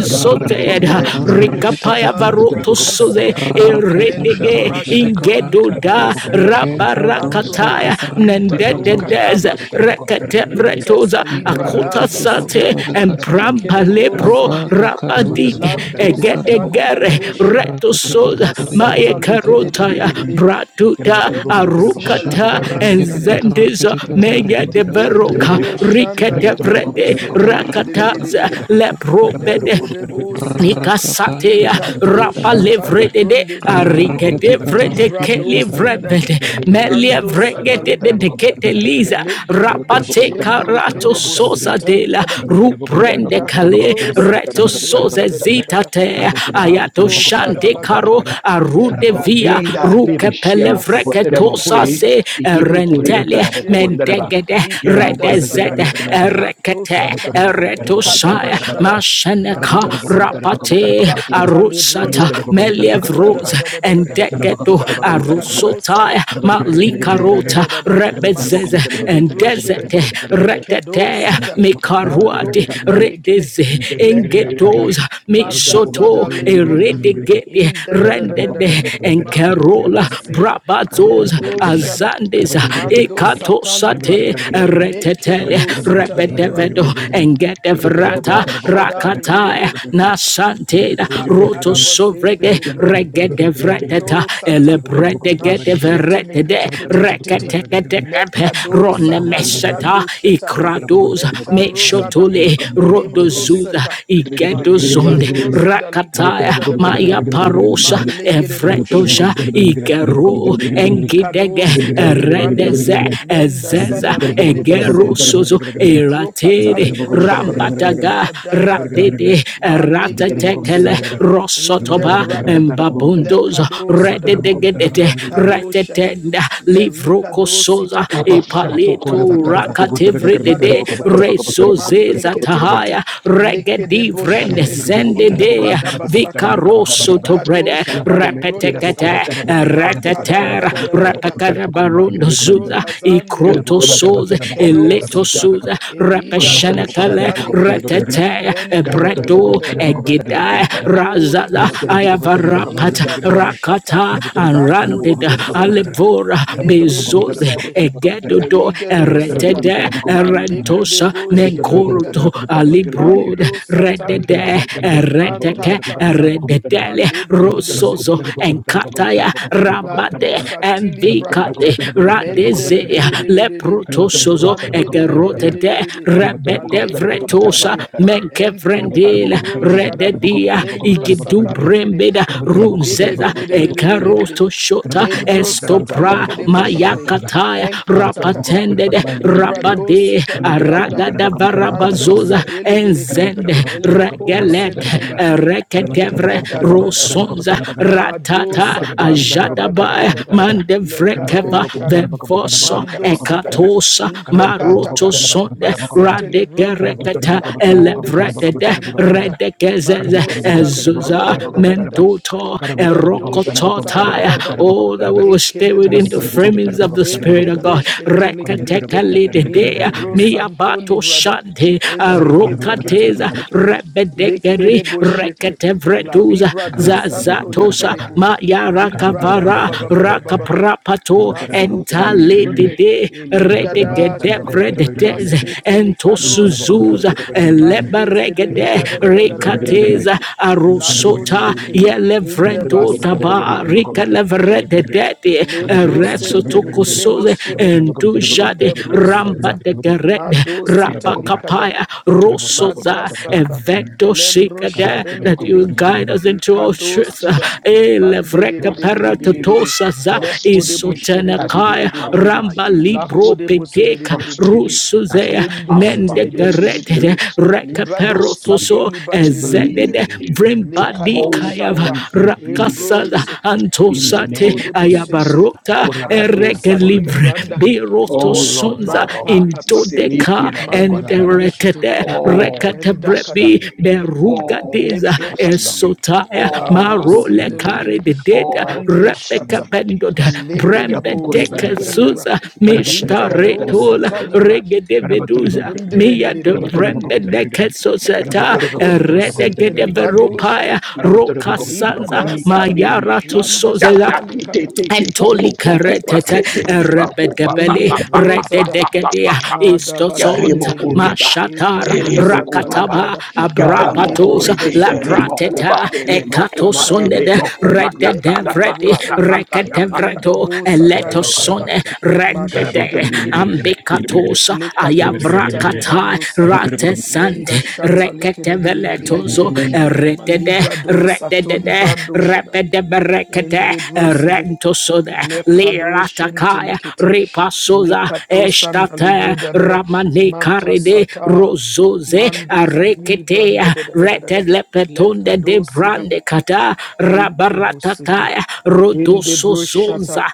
Speaker 2: ik rakete katos
Speaker 4: Nekado
Speaker 2: rakete
Speaker 1: rikapaya
Speaker 2: katos
Speaker 4: Shadali
Speaker 1: varoto
Speaker 4: Brado
Speaker 1: soze
Speaker 4: Sada.
Speaker 2: rakata
Speaker 4: Menda
Speaker 2: shata
Speaker 1: eredege
Speaker 2: rakete
Speaker 4: Brasha
Speaker 2: kata
Speaker 4: Doli Kado
Speaker 1: ingedoda
Speaker 4: Seda.
Speaker 2: Ike katosa
Speaker 4: Nantoto
Speaker 1: rabarakataya
Speaker 2: katarakati
Speaker 4: Salibra
Speaker 2: katosa.
Speaker 1: nendededeza
Speaker 4: Kadaba Shede.
Speaker 1: rekete
Speaker 4: Inte
Speaker 1: vretoza
Speaker 4: Salibra
Speaker 1: Akota
Speaker 4: Dando
Speaker 2: Ikarakati
Speaker 4: Sita.
Speaker 1: Sate and
Speaker 2: katapalikata.
Speaker 4: Ekedebo
Speaker 1: Brambalebro
Speaker 4: sende.
Speaker 2: Abata
Speaker 3: Karabatara
Speaker 2: katusa
Speaker 1: Rabadike
Speaker 4: Lanto
Speaker 2: rakati kata.
Speaker 4: satali
Speaker 1: Egedegere
Speaker 4: kadosheda.
Speaker 2: Rakati
Speaker 1: Retosoda
Speaker 2: katapalikata
Speaker 1: Maya
Speaker 4: Masata
Speaker 2: rakati kata.
Speaker 1: Karotaya
Speaker 4: lekededededede.
Speaker 1: Bratuta
Speaker 4: Endo sidali
Speaker 2: Shaka
Speaker 1: Arukata
Speaker 4: brada
Speaker 1: and
Speaker 2: rakati
Speaker 4: sada.
Speaker 2: kata
Speaker 1: Zendiza
Speaker 2: rakati kata
Speaker 1: Mega
Speaker 2: rakati
Speaker 1: de
Speaker 2: kata
Speaker 4: Le
Speaker 1: Veroka
Speaker 2: kata
Speaker 4: debo
Speaker 2: rakati
Speaker 4: shanda
Speaker 2: kata
Speaker 1: Rikete
Speaker 4: legedebo
Speaker 2: rakati
Speaker 1: Vrede
Speaker 2: kata
Speaker 4: sende
Speaker 2: rakati
Speaker 1: Rakataza
Speaker 2: kata
Speaker 4: legededededede.
Speaker 2: rakati
Speaker 1: Lebro
Speaker 2: kata.
Speaker 1: Bede
Speaker 4: Leko debo sita.
Speaker 2: Rakata
Speaker 1: Nikasatea
Speaker 2: shata rakati
Speaker 4: Intato
Speaker 3: Karabombira
Speaker 1: Rapa
Speaker 2: katosa.
Speaker 4: shatale
Speaker 1: levrede
Speaker 4: bronde zede.
Speaker 2: Rakati
Speaker 1: Arigete
Speaker 2: kata
Speaker 1: vrete
Speaker 2: rakati
Speaker 4: Vibrado
Speaker 1: keli
Speaker 2: kata.
Speaker 4: sinda.
Speaker 1: vrebete. Melia
Speaker 4: Mando
Speaker 1: vrengete
Speaker 4: sadaliga.
Speaker 1: dedicate liza.
Speaker 4: Legedebo
Speaker 1: Rapate
Speaker 4: shendele
Speaker 1: karato
Speaker 4: kedebo
Speaker 1: sosa
Speaker 4: sita
Speaker 1: de la
Speaker 4: likada.
Speaker 1: rubrende
Speaker 4: Enta
Speaker 1: kale
Speaker 4: kato
Speaker 1: reto
Speaker 4: satili branda
Speaker 1: soze
Speaker 4: da da da da
Speaker 1: zita
Speaker 4: da.
Speaker 1: te. Ayato
Speaker 4: Manto shada
Speaker 1: shante
Speaker 4: lagada.
Speaker 1: caro arude
Speaker 4: Lega
Speaker 1: via
Speaker 4: da da da.
Speaker 1: ruke pele
Speaker 3: nebeshemo
Speaker 4: Masede
Speaker 3: kuboteremo
Speaker 1: vreketo
Speaker 3: hwe
Speaker 4: lebronda.
Speaker 1: sase
Speaker 3: ikiruko
Speaker 4: Ekedebo
Speaker 1: rentele
Speaker 3: nebetara
Speaker 4: shende.
Speaker 3: bokobondereba
Speaker 1: mendegede
Speaker 4: Ni
Speaker 3: ikeremo
Speaker 4: Prada
Speaker 3: korebetegra
Speaker 4: Sada,
Speaker 1: redezete
Speaker 4: Mato
Speaker 1: rekete
Speaker 4: Sata,
Speaker 1: ereto saya
Speaker 4: Kadabashada,
Speaker 1: masheneka
Speaker 4: Mando Sita,
Speaker 1: rapate
Speaker 4: Iprakata
Speaker 1: arus Roshata
Speaker 4: Lebrunda,
Speaker 1: Meliev
Speaker 4: Menda da
Speaker 1: rose
Speaker 4: da da da da da da,
Speaker 1: and
Speaker 4: da
Speaker 1: Degeto
Speaker 4: Malokado
Speaker 1: Arusotaya
Speaker 4: Sada, Inde da da da
Speaker 1: Malikarota
Speaker 4: da da, da,
Speaker 1: Rebezeze
Speaker 4: Masete
Speaker 1: and
Speaker 4: Lebroshede,
Speaker 1: Desete
Speaker 4: Inkedo
Speaker 1: Retete
Speaker 4: Sita, Manto
Speaker 1: Mikaruate
Speaker 4: Katalikede,
Speaker 1: Redeze
Speaker 4: Lenda Kada,
Speaker 1: Engetos
Speaker 4: Mada
Speaker 1: Mishoto
Speaker 4: Zada Lebrunda,
Speaker 3: Gracias.
Speaker 1: Eredegede
Speaker 4: Inde da da da da da da,
Speaker 1: Rendede and
Speaker 4: Makodebo
Speaker 1: Carola
Speaker 4: Sete,
Speaker 1: Brabazos
Speaker 4: Lendo Shada,
Speaker 1: Azandes
Speaker 4: Mando
Speaker 1: Ekato
Speaker 4: Satali
Speaker 1: Sate
Speaker 4: brada.
Speaker 1: Retetele
Speaker 4: Mekedebo Sitali
Speaker 1: Rebedevedo
Speaker 4: brado.
Speaker 1: and Gedevrata
Speaker 4: Indeba Shada
Speaker 1: Rakataya
Speaker 4: Legedebo.
Speaker 1: na sante,
Speaker 4: La
Speaker 1: roto
Speaker 4: Kadaba
Speaker 1: sovrege
Speaker 4: Zendele bro.
Speaker 1: regede vreteta
Speaker 4: Ento Sata.
Speaker 1: elebrede gede
Speaker 4: Mashete
Speaker 1: verete de
Speaker 4: Meketetetetete.
Speaker 1: rekete gede kepe
Speaker 4: Lekado
Speaker 1: rone
Speaker 4: Satali
Speaker 1: meseta
Speaker 4: brando Sheta.
Speaker 1: ikrados
Speaker 4: Meta Rosada.
Speaker 1: meshotole
Speaker 4: Lembro
Speaker 3: Gracias.
Speaker 1: rodozuza
Speaker 4: Seta.
Speaker 1: igedozonde
Speaker 4: Maligado Zida Libranda
Speaker 1: rakataya
Speaker 4: da da da da da.
Speaker 1: maya parosha
Speaker 4: Malegedebo Shere.
Speaker 1: evretosha igero
Speaker 4: Ikado
Speaker 1: engidege
Speaker 4: sita libranda
Speaker 1: eredeze
Speaker 4: menda
Speaker 1: ezeza
Speaker 4: sada legere bosende
Speaker 1: egerosozo
Speaker 4: le pro kata
Speaker 1: eratere
Speaker 4: le broshere
Speaker 1: rambataga
Speaker 4: ma da da da
Speaker 1: radede
Speaker 4: ma legere
Speaker 1: ratetekele
Speaker 4: bosita in the
Speaker 1: rosotoba
Speaker 4: brada le
Speaker 1: mbabundozo
Speaker 4: kado sada
Speaker 1: rededegedede
Speaker 4: me kado shada
Speaker 1: retetenda
Speaker 4: le rikado
Speaker 1: livrokosoza
Speaker 4: sita
Speaker 3: Kapa
Speaker 4: ma
Speaker 3: shapo
Speaker 4: to
Speaker 1: ipalito
Speaker 3: kora
Speaker 4: kata
Speaker 3: batara
Speaker 4: kata
Speaker 3: poko botara
Speaker 4: le
Speaker 3: bakara batara
Speaker 1: rakatevredede
Speaker 4: kado
Speaker 3: poko botara
Speaker 4: sata
Speaker 3: poko botara poko
Speaker 4: man
Speaker 3: botara
Speaker 1: rezozeza
Speaker 3: poko
Speaker 4: teke
Speaker 3: botara
Speaker 4: teke te
Speaker 1: tahaya
Speaker 4: leke de
Speaker 1: regedivrende
Speaker 4: boshere
Speaker 3: Kalabotara bokobotara
Speaker 4: in
Speaker 1: zendedea
Speaker 4: brada
Speaker 3: bokobotara bokobotara
Speaker 4: basata
Speaker 3: me kaba kaba kaba.
Speaker 4: Inkado
Speaker 1: vikarosotobrede
Speaker 4: shadale
Speaker 3: Kalabokome kira
Speaker 4: bronda
Speaker 1: repetekete
Speaker 4: sada.
Speaker 3: bokobotara bokobotara
Speaker 4: Makada
Speaker 3: bokobotara
Speaker 4: da da
Speaker 1: retetera
Speaker 4: da da
Speaker 3: bokobotara
Speaker 4: da da da.
Speaker 3: bokobotara bokome tigra me kaba
Speaker 4: Malebro
Speaker 1: repekarabarondozuza
Speaker 3: ndagame.
Speaker 4: dazande lebro.
Speaker 3: Kalabokoma
Speaker 1: ikrotosoze
Speaker 3: kalabotara bokobotara
Speaker 4: Ikedo
Speaker 3: bokobotara
Speaker 4: sita.
Speaker 1: eletosuza
Speaker 3: bokobotara. Kalabotara
Speaker 4: Eligado
Speaker 1: Rakashanakale
Speaker 3: bokobotara
Speaker 4: shadale
Speaker 3: bokobotara
Speaker 4: gede.
Speaker 3: bokobotara.
Speaker 1: Ratete
Speaker 4: Menda da
Speaker 3: Kalabotara
Speaker 4: da da da
Speaker 1: Ebreto
Speaker 4: da
Speaker 3: bokobotara
Speaker 4: da da da.
Speaker 1: Egidai
Speaker 4: Mekodi
Speaker 1: Razada
Speaker 4: bosete.
Speaker 3: bokobotara
Speaker 1: Ayavarapata
Speaker 4: Inda
Speaker 3: bokobotara.
Speaker 4: brashata.
Speaker 1: Rakata
Speaker 3: Kalabotara
Speaker 1: and
Speaker 3: bokobotara
Speaker 4: Lakode
Speaker 1: Randida
Speaker 3: bokobotara.
Speaker 4: bosente.
Speaker 1: Alevora
Speaker 3: Kalabotara
Speaker 4: Lende
Speaker 3: bokobotara bokobotara bokobotara. Kalabotara bokobotara
Speaker 1: Bezoze
Speaker 4: bosade.
Speaker 3: bokobotara bokobotara.
Speaker 1: Egedodo
Speaker 4: Lerigado
Speaker 3: Kalabotara
Speaker 4: sata
Speaker 1: Eretede
Speaker 3: bokobotara bokobotara
Speaker 1: Erentosa
Speaker 3: bokobotara.
Speaker 4: malekedebo
Speaker 3: Kalabotara bokobotara
Speaker 4: shidaligada
Speaker 1: Nenkoruto
Speaker 3: bokobotara
Speaker 1: Alibrod
Speaker 3: bokobotara.
Speaker 4: mando
Speaker 3: Gracias.
Speaker 1: Redede
Speaker 4: satalikata
Speaker 1: Ereteke
Speaker 4: matatata
Speaker 1: Erededele
Speaker 4: malebron
Speaker 1: rosozo
Speaker 4: desede
Speaker 1: enkataya rabade
Speaker 4: Lato satili prakata.
Speaker 1: envikade
Speaker 4: Mende
Speaker 1: radeze
Speaker 4: de de de de de de de.
Speaker 1: leprotosozo
Speaker 4: Mande de de de de de de
Speaker 1: ekerotete
Speaker 4: de de.
Speaker 1: rebete
Speaker 4: Malebro
Speaker 1: vretosa
Speaker 4: ndezede. Ento
Speaker 1: menkevrendele
Speaker 4: kalebro shada.
Speaker 1: rededia
Speaker 4: Lembro satale kede.
Speaker 1: igidubrembeda
Speaker 4: Le de de
Speaker 1: runzeza
Speaker 4: de de de de de de de de de.
Speaker 1: ekarosto shota
Speaker 4: Lembro satale
Speaker 1: estopra
Speaker 4: kede boshere.
Speaker 1: mayakataya
Speaker 4: En kata kata.
Speaker 1: rapatendede
Speaker 4: Libra do
Speaker 1: rabade
Speaker 4: sita libranda.
Speaker 1: aragada
Speaker 4: Mando
Speaker 1: varabazoza
Speaker 3: Karabatara
Speaker 4: sadelegere.
Speaker 1: enzende
Speaker 4: Eleko
Speaker 1: regele lete
Speaker 4: sentelekere.
Speaker 1: reketevre
Speaker 4: Inde da da da da da da.
Speaker 1: rosonza
Speaker 4: Mado
Speaker 1: ratata
Speaker 4: satali brada da da da
Speaker 1: ajadabaya
Speaker 4: da da.
Speaker 1: mande
Speaker 4: Lekado
Speaker 1: vrekeva
Speaker 4: shada.
Speaker 1: vevoso
Speaker 4: Mando sita.
Speaker 1: ekatosa maroto
Speaker 4: Intekataka.
Speaker 1: sonde
Speaker 4: Masetele bronda.
Speaker 1: radegereketa
Speaker 4: Lakode
Speaker 1: elevredede
Speaker 4: boseteli branda.
Speaker 1: redegezeze
Speaker 4: Mando sida
Speaker 1: ezuza
Speaker 4: librada da da da da da da.
Speaker 1: mendoto
Speaker 4: Ledo shatali
Speaker 1: erokototaya
Speaker 4: brada.
Speaker 1: oh that we will stay within the
Speaker 4: Ekedebosete.
Speaker 1: framings of the spirit of
Speaker 4: Endebro
Speaker 1: God
Speaker 4: shetelekere. In the
Speaker 1: reketekalidedea
Speaker 4: bro santo
Speaker 1: miabato
Speaker 4: librada.
Speaker 1: shante
Speaker 4: In teke teke teke
Speaker 1: arukateza
Speaker 4: teke te.
Speaker 1: rebedegeri
Speaker 4: Lekerebo shete. La
Speaker 1: reketevretuza
Speaker 4: ribrado
Speaker 3: Gracias
Speaker 4: santo
Speaker 1: zazatosa
Speaker 4: lekerebo. Librada ba
Speaker 1: mayarakavara
Speaker 4: ba ba ba ba ba ba ba.
Speaker 1: rakaprapato
Speaker 4: Masuta
Speaker 1: entale
Speaker 4: librunde.
Speaker 1: entalidide
Speaker 4: Eligada shede.
Speaker 1: redegedevredeteze
Speaker 4: Masete likado senda.
Speaker 1: entosuzuza
Speaker 4: Mandeze de
Speaker 1: elebaregede
Speaker 4: likada da da da da da da da da da.
Speaker 1: rekateza
Speaker 4: Lato
Speaker 1: arosota
Speaker 4: shete. In the basse
Speaker 1: yelevrendotaba
Speaker 4: delegere.
Speaker 1: rikelevrededede
Speaker 4: Le brosente ne kerebo
Speaker 1: eresotokosoze
Speaker 4: shede in
Speaker 1: endujade
Speaker 4: the
Speaker 1: Ram
Speaker 4: brosata.
Speaker 1: Mamba de Gerede,
Speaker 4: Mado sita
Speaker 1: Rapa
Speaker 4: likada.
Speaker 1: kapaya
Speaker 4: Mata
Speaker 1: Rosoza,
Speaker 4: sata.
Speaker 1: Evento
Speaker 4: Lembro
Speaker 1: Shikade, that
Speaker 4: shadelegede.
Speaker 1: you guide us into all
Speaker 4: Ikado
Speaker 1: truth.
Speaker 4: sida.
Speaker 3: trusting you
Speaker 4: Mande de
Speaker 1: Elevreka
Speaker 4: de de
Speaker 3: trust
Speaker 4: de de
Speaker 3: in
Speaker 4: de de
Speaker 3: you,
Speaker 4: de de.
Speaker 1: Paratotosaza,
Speaker 3: trust
Speaker 4: Leko
Speaker 3: in
Speaker 4: de
Speaker 3: you,
Speaker 4: boshe de de
Speaker 3: as
Speaker 4: de de de
Speaker 1: Isotenakaya,
Speaker 4: de de de
Speaker 3: empowered
Speaker 4: de.
Speaker 3: by
Speaker 1: Ramba
Speaker 3: you,
Speaker 4: Lako
Speaker 1: Libro
Speaker 3: Jesus,
Speaker 4: de
Speaker 3: to
Speaker 4: boshe de de
Speaker 1: Pedeka,
Speaker 4: de de de
Speaker 3: trust in
Speaker 4: de de.
Speaker 3: you, as
Speaker 1: Rusuzea,
Speaker 4: Lendo
Speaker 3: empowered by
Speaker 4: sete
Speaker 1: Mende
Speaker 4: de de
Speaker 3: your
Speaker 4: de de de de de
Speaker 1: Gerede,
Speaker 4: de.
Speaker 3: spirit, to
Speaker 4: Librado
Speaker 3: trust in you,
Speaker 4: sato
Speaker 1: Rekaperotoso,
Speaker 4: liba de
Speaker 3: to
Speaker 4: de de de de de.
Speaker 3: believe
Speaker 1: Ezedede,
Speaker 3: in you, to
Speaker 1: Vrimbadi
Speaker 4: Lekado
Speaker 3: hold
Speaker 1: Kayava,
Speaker 3: on
Speaker 4: shanda.
Speaker 3: to you, the
Speaker 1: Rakasala,
Speaker 3: truth.
Speaker 4: Embronse.
Speaker 3: In the
Speaker 1: Antosate,
Speaker 3: name
Speaker 4: Leko
Speaker 3: of
Speaker 4: de
Speaker 3: Jesus.
Speaker 4: bosente.
Speaker 3: Oh
Speaker 1: Ayabarota,
Speaker 4: Ado
Speaker 1: Eregel
Speaker 4: sadili
Speaker 1: livre
Speaker 4: branda.
Speaker 1: beroto
Speaker 3: Lord
Speaker 1: sonza
Speaker 3: God
Speaker 1: into
Speaker 4: Magpakata.
Speaker 1: deca
Speaker 3: Almighty.
Speaker 1: and
Speaker 4: Malebron de shede.
Speaker 1: retete
Speaker 3: All
Speaker 1: recate
Speaker 3: trust
Speaker 4: Endakada
Speaker 1: brebi
Speaker 3: in you.
Speaker 1: beruga
Speaker 3: All
Speaker 1: deza
Speaker 3: trust in
Speaker 4: leprokata
Speaker 3: you.
Speaker 1: esotaya
Speaker 3: All hope
Speaker 1: marole
Speaker 3: in you
Speaker 1: care
Speaker 4: abrosendelegede
Speaker 1: de data
Speaker 3: all
Speaker 4: mande
Speaker 3: trusting
Speaker 1: rebeca
Speaker 4: shata
Speaker 3: you,
Speaker 1: pendod
Speaker 3: Jesus.
Speaker 1: brembe
Speaker 4: malegerebo
Speaker 1: deca
Speaker 3: Ikapokorebarabara,
Speaker 4: sendelibra
Speaker 1: suza
Speaker 4: inketo
Speaker 1: mishtaretola
Speaker 4: satalibra
Speaker 3: ikarabatarabarabarabarabarabarabara,
Speaker 1: regede veduza
Speaker 3: ikarabatarabarabara,
Speaker 1: mia de brembe
Speaker 4: lendededededededede
Speaker 1: deca
Speaker 3: ikarabatarabarabarabarabara,
Speaker 1: soseta
Speaker 4: lakodibro
Speaker 1: regede
Speaker 4: sentelibrado
Speaker 3: ikarabatarabarabarabarabara.
Speaker 4: shada
Speaker 1: verupaya
Speaker 3: Caramba,
Speaker 1: roca
Speaker 4: Libra
Speaker 1: sanza
Speaker 4: da sata,
Speaker 1: mayara to
Speaker 4: landa
Speaker 1: Soza
Speaker 4: sata likada,
Speaker 1: Antoli
Speaker 4: ente kato
Speaker 1: karetete
Speaker 4: setelekere,
Speaker 1: rebedebele
Speaker 4: ende brozada,
Speaker 1: rededegedea
Speaker 4: mada
Speaker 1: istosonta
Speaker 4: bashedelegere,
Speaker 1: mashatara
Speaker 4: ekado sata
Speaker 1: rakataba
Speaker 4: librada,
Speaker 1: abrapatos
Speaker 4: malebronda shata kadaba,
Speaker 1: laprateta
Speaker 4: makata
Speaker 1: ekatosonede
Speaker 4: kata, leko
Speaker 1: rededevredi
Speaker 4: debo sindi,
Speaker 1: reketevreto
Speaker 4: indabo sata likadaba,
Speaker 1: eletosone rendede
Speaker 4: mashedelegere,
Speaker 1: ambekatosa
Speaker 4: Lekado Satali
Speaker 1: ayavrakata
Speaker 4: Brando Sada
Speaker 1: ratesante
Speaker 4: Lenda Shata leke de de de de de de de
Speaker 1: reketeveletozo
Speaker 4: de.
Speaker 1: redede
Speaker 4: Malibrado Satoli
Speaker 1: redede
Speaker 4: Brando Shada
Speaker 1: repedeberekete
Speaker 4: in the Brusidi
Speaker 1: rentosode
Speaker 4: Lekado
Speaker 1: liratakaya
Speaker 4: Shentelikiti
Speaker 1: ripasoza
Speaker 4: Likato Sanda Libro
Speaker 1: estate
Speaker 4: da da da Mata
Speaker 1: ramanekarede
Speaker 4: Sata
Speaker 1: rozoze
Speaker 4: Mando Zadili Branda
Speaker 1: areketea
Speaker 4: da da da da da da
Speaker 1: retelepetonde de
Speaker 4: Lekado sida
Speaker 1: brandekata
Speaker 4: in Table
Speaker 1: rabaratata
Speaker 4: City, in
Speaker 1: Rodoso
Speaker 4: Debro Shata,
Speaker 1: Zonza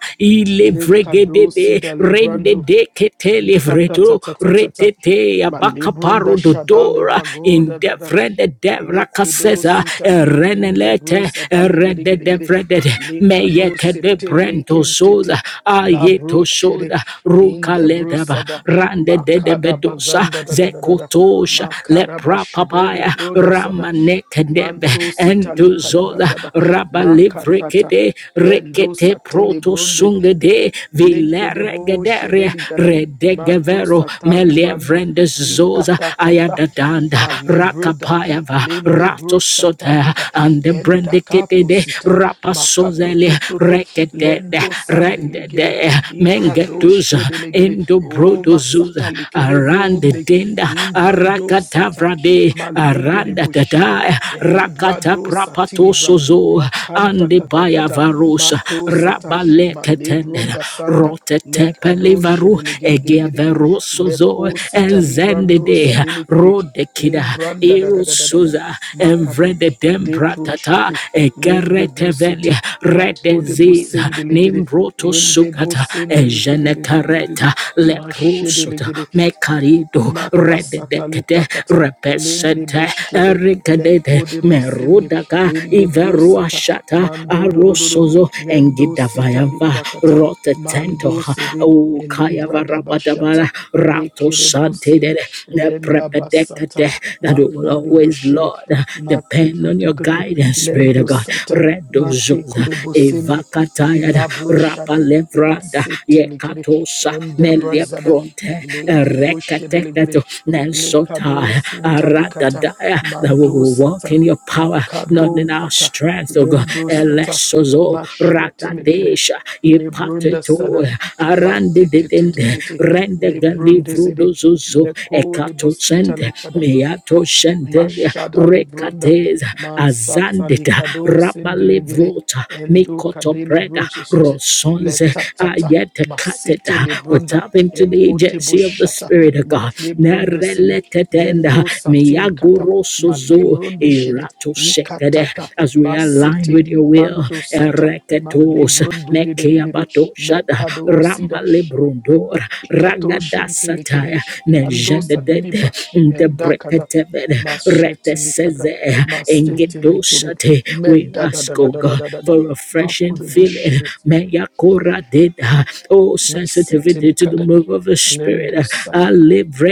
Speaker 4: Lekado
Speaker 1: ilevregedede
Speaker 4: Sida
Speaker 1: rende
Speaker 4: Librando,
Speaker 1: de kete livreto
Speaker 4: Ikatatatata,
Speaker 1: retete
Speaker 4: Malebronda
Speaker 1: abakaparo
Speaker 4: Shada
Speaker 1: dodora
Speaker 4: Librago, da da da.
Speaker 1: indevrende devra
Speaker 4: Lekedo
Speaker 1: kaseza
Speaker 4: sita in the
Speaker 1: renelete
Speaker 4: bros adali gede
Speaker 1: rende
Speaker 4: gede gede.
Speaker 1: devrede
Speaker 4: Lekado
Speaker 1: meyeke de
Speaker 4: sete
Speaker 1: brento
Speaker 4: lenkentete.
Speaker 1: soza
Speaker 4: La bro
Speaker 1: ayeto
Speaker 4: shede
Speaker 1: soda
Speaker 4: in
Speaker 1: ruka
Speaker 4: the
Speaker 1: ledaba
Speaker 4: brosada.
Speaker 1: rande de de
Speaker 4: Makada
Speaker 1: bedosa
Speaker 4: bazanda da da da da da.
Speaker 1: zekotosha
Speaker 4: Makada
Speaker 1: lepra
Speaker 4: bashede le
Speaker 1: papaya
Speaker 4: bro da sada.
Speaker 1: ramaneke debe
Speaker 4: Manto sita likada
Speaker 1: enduzo
Speaker 4: bazada. Makatata.
Speaker 1: rabalivrekede
Speaker 4: Lendo
Speaker 1: rekete
Speaker 4: satele
Speaker 1: proto sungede
Speaker 4: Lekedebo
Speaker 1: vileregedere
Speaker 4: shedeligada. Mato
Speaker 1: redegevero
Speaker 4: satali brando.
Speaker 1: melevrendes zoza
Speaker 4: Ikata kata.
Speaker 1: ayadadanda
Speaker 4: Malebroda.
Speaker 1: rakapayava
Speaker 4: Lendebro
Speaker 1: ratosota
Speaker 4: sataliga.
Speaker 1: and the
Speaker 4: Endakato
Speaker 1: brendekede
Speaker 4: sita. Makato
Speaker 1: rapasozele
Speaker 4: tototo.
Speaker 1: rekede
Speaker 4: Lendo
Speaker 1: rendede
Speaker 4: sandelegede. Ikado
Speaker 1: mengetuza
Speaker 4: shedelegede. O
Speaker 1: endobrodozuza
Speaker 4: masata lekedebo
Speaker 1: arande
Speaker 4: nde.
Speaker 1: denda
Speaker 4: Imbrando sata.
Speaker 1: arakatavrade aranda
Speaker 4: Malegedebo
Speaker 1: tata
Speaker 4: shede.
Speaker 1: rakata
Speaker 4: Rado
Speaker 1: prapato
Speaker 4: satilibra
Speaker 1: sozo
Speaker 4: makanta
Speaker 1: ande baya
Speaker 4: tatatata
Speaker 1: varosa
Speaker 4: mato sata
Speaker 1: rabale
Speaker 4: malebronda sanda
Speaker 1: rotete
Speaker 4: lekado
Speaker 1: pelivaru
Speaker 4: shedele gede gede
Speaker 1: egia
Speaker 4: gede gede
Speaker 1: veroso zo
Speaker 4: leko sita
Speaker 1: enzende
Speaker 4: librando
Speaker 1: de
Speaker 4: sadele gede
Speaker 1: rode kida
Speaker 4: imbranda da da da da da da
Speaker 1: erosoza
Speaker 4: makado
Speaker 1: envrede
Speaker 4: lepro
Speaker 1: dembratata
Speaker 4: shete lende
Speaker 1: egerete
Speaker 4: brusete lakode
Speaker 1: redeziza
Speaker 4: brusendele gede
Speaker 1: nimbroto
Speaker 4: ende
Speaker 1: sukata
Speaker 4: brusendele gede de de de de de
Speaker 1: ejenekareta
Speaker 4: de mashedele
Speaker 1: leprosota
Speaker 4: gede
Speaker 1: mekarido
Speaker 4: Mata satali
Speaker 1: rededekete
Speaker 4: prakata lende
Speaker 1: repesente
Speaker 4: boshede le
Speaker 1: Erikadete
Speaker 4: kode bosende
Speaker 1: Merudaka
Speaker 4: ende brosata
Speaker 1: Iveruashata
Speaker 4: mando do do do do
Speaker 1: Arosozo
Speaker 4: lendo sitali
Speaker 1: Engidavayava
Speaker 4: prakata
Speaker 1: Rotetento
Speaker 4: mando sede
Speaker 1: O kaya
Speaker 4: elibra da
Speaker 1: varabadabara
Speaker 4: bashata le
Speaker 1: rato
Speaker 4: kere
Speaker 1: sante de
Speaker 4: brosede lenda basata
Speaker 1: prepedekate that we will
Speaker 4: mako de
Speaker 1: always,
Speaker 4: boshede
Speaker 1: Lord,
Speaker 4: mate
Speaker 1: depend on
Speaker 4: kote
Speaker 1: your
Speaker 4: kote
Speaker 1: guidance, Spirit of
Speaker 4: lendo
Speaker 1: God.
Speaker 4: sata
Speaker 1: Redo
Speaker 4: mate
Speaker 1: zoza
Speaker 4: kode bosende
Speaker 1: evakatayada
Speaker 4: ilabro
Speaker 1: rapa
Speaker 4: shada
Speaker 1: levrada
Speaker 4: Masete likere
Speaker 1: yekatosa
Speaker 4: ende
Speaker 1: melia
Speaker 4: barzada
Speaker 1: pronte
Speaker 4: lende boshede ligere
Speaker 1: rekateketo nelsota
Speaker 4: lekado sinta likata
Speaker 1: aradadaya that we
Speaker 4: mando
Speaker 1: will
Speaker 4: sata
Speaker 1: walk in your power
Speaker 4: makado
Speaker 1: not in our
Speaker 4: kata
Speaker 1: strength, oh God.
Speaker 4: lendo sata
Speaker 1: Elesozo
Speaker 4: mashete likere
Speaker 1: ragadesha
Speaker 4: lebrunda sada
Speaker 1: ipateto arande
Speaker 4: matete tete
Speaker 1: dedende
Speaker 4: tete
Speaker 1: rende
Speaker 4: lebrunda
Speaker 1: galivro
Speaker 4: zede
Speaker 1: dozozo
Speaker 4: lekode
Speaker 1: ekato
Speaker 4: bosita
Speaker 1: sende
Speaker 4: likada
Speaker 1: miato shendelia
Speaker 4: Mashada Librunda,
Speaker 1: rekadeza
Speaker 4: Masata
Speaker 1: azandeta
Speaker 4: Likado, Sindeligiri,
Speaker 1: rabalivrota
Speaker 4: Endo
Speaker 1: mikoto
Speaker 4: Kadeli
Speaker 1: breda
Speaker 4: Brojeshete,
Speaker 1: rosonze
Speaker 4: Letatata,
Speaker 1: ayete
Speaker 4: Masiti
Speaker 1: kateta. We
Speaker 4: Librunda,
Speaker 1: tap into the
Speaker 4: Ekote
Speaker 1: agency of the
Speaker 4: Bushata,
Speaker 1: Spirit of God.
Speaker 4: Matlebrunde Sede,
Speaker 1: Nereleketenda,
Speaker 4: Lendo Satilikata,
Speaker 1: miyagorosozo,
Speaker 4: Malebrunde Shede,
Speaker 1: irato sekede
Speaker 4: Ikatata,
Speaker 1: as we align
Speaker 4: Masiti,
Speaker 1: with your will.
Speaker 4: Mando Sata,
Speaker 1: Ereketos,
Speaker 4: Malebrunde
Speaker 1: mekeabato shada mekeabatoshada,
Speaker 4: Mekado Sida,
Speaker 1: rambalebrodor,
Speaker 4: Katoshin Telikere,
Speaker 1: ragadasataya,
Speaker 4: Lando
Speaker 1: nejendedede,
Speaker 4: Sadilibra, Endakada,
Speaker 1: ndebreketebede,
Speaker 4: Mashetilikada,
Speaker 1: reteseze,
Speaker 4: Mastetilikere,
Speaker 1: engedoshate.
Speaker 4: Men
Speaker 1: We
Speaker 4: da da
Speaker 1: ask,
Speaker 4: da da
Speaker 1: oh
Speaker 4: da da
Speaker 1: God,
Speaker 4: da da da,
Speaker 1: for refreshing feeling.
Speaker 4: Makudebushire,
Speaker 1: Meyakora deda oh sensitivity to the
Speaker 4: Nasetelikada,
Speaker 1: move of the spirit.
Speaker 4: Lendo Sada,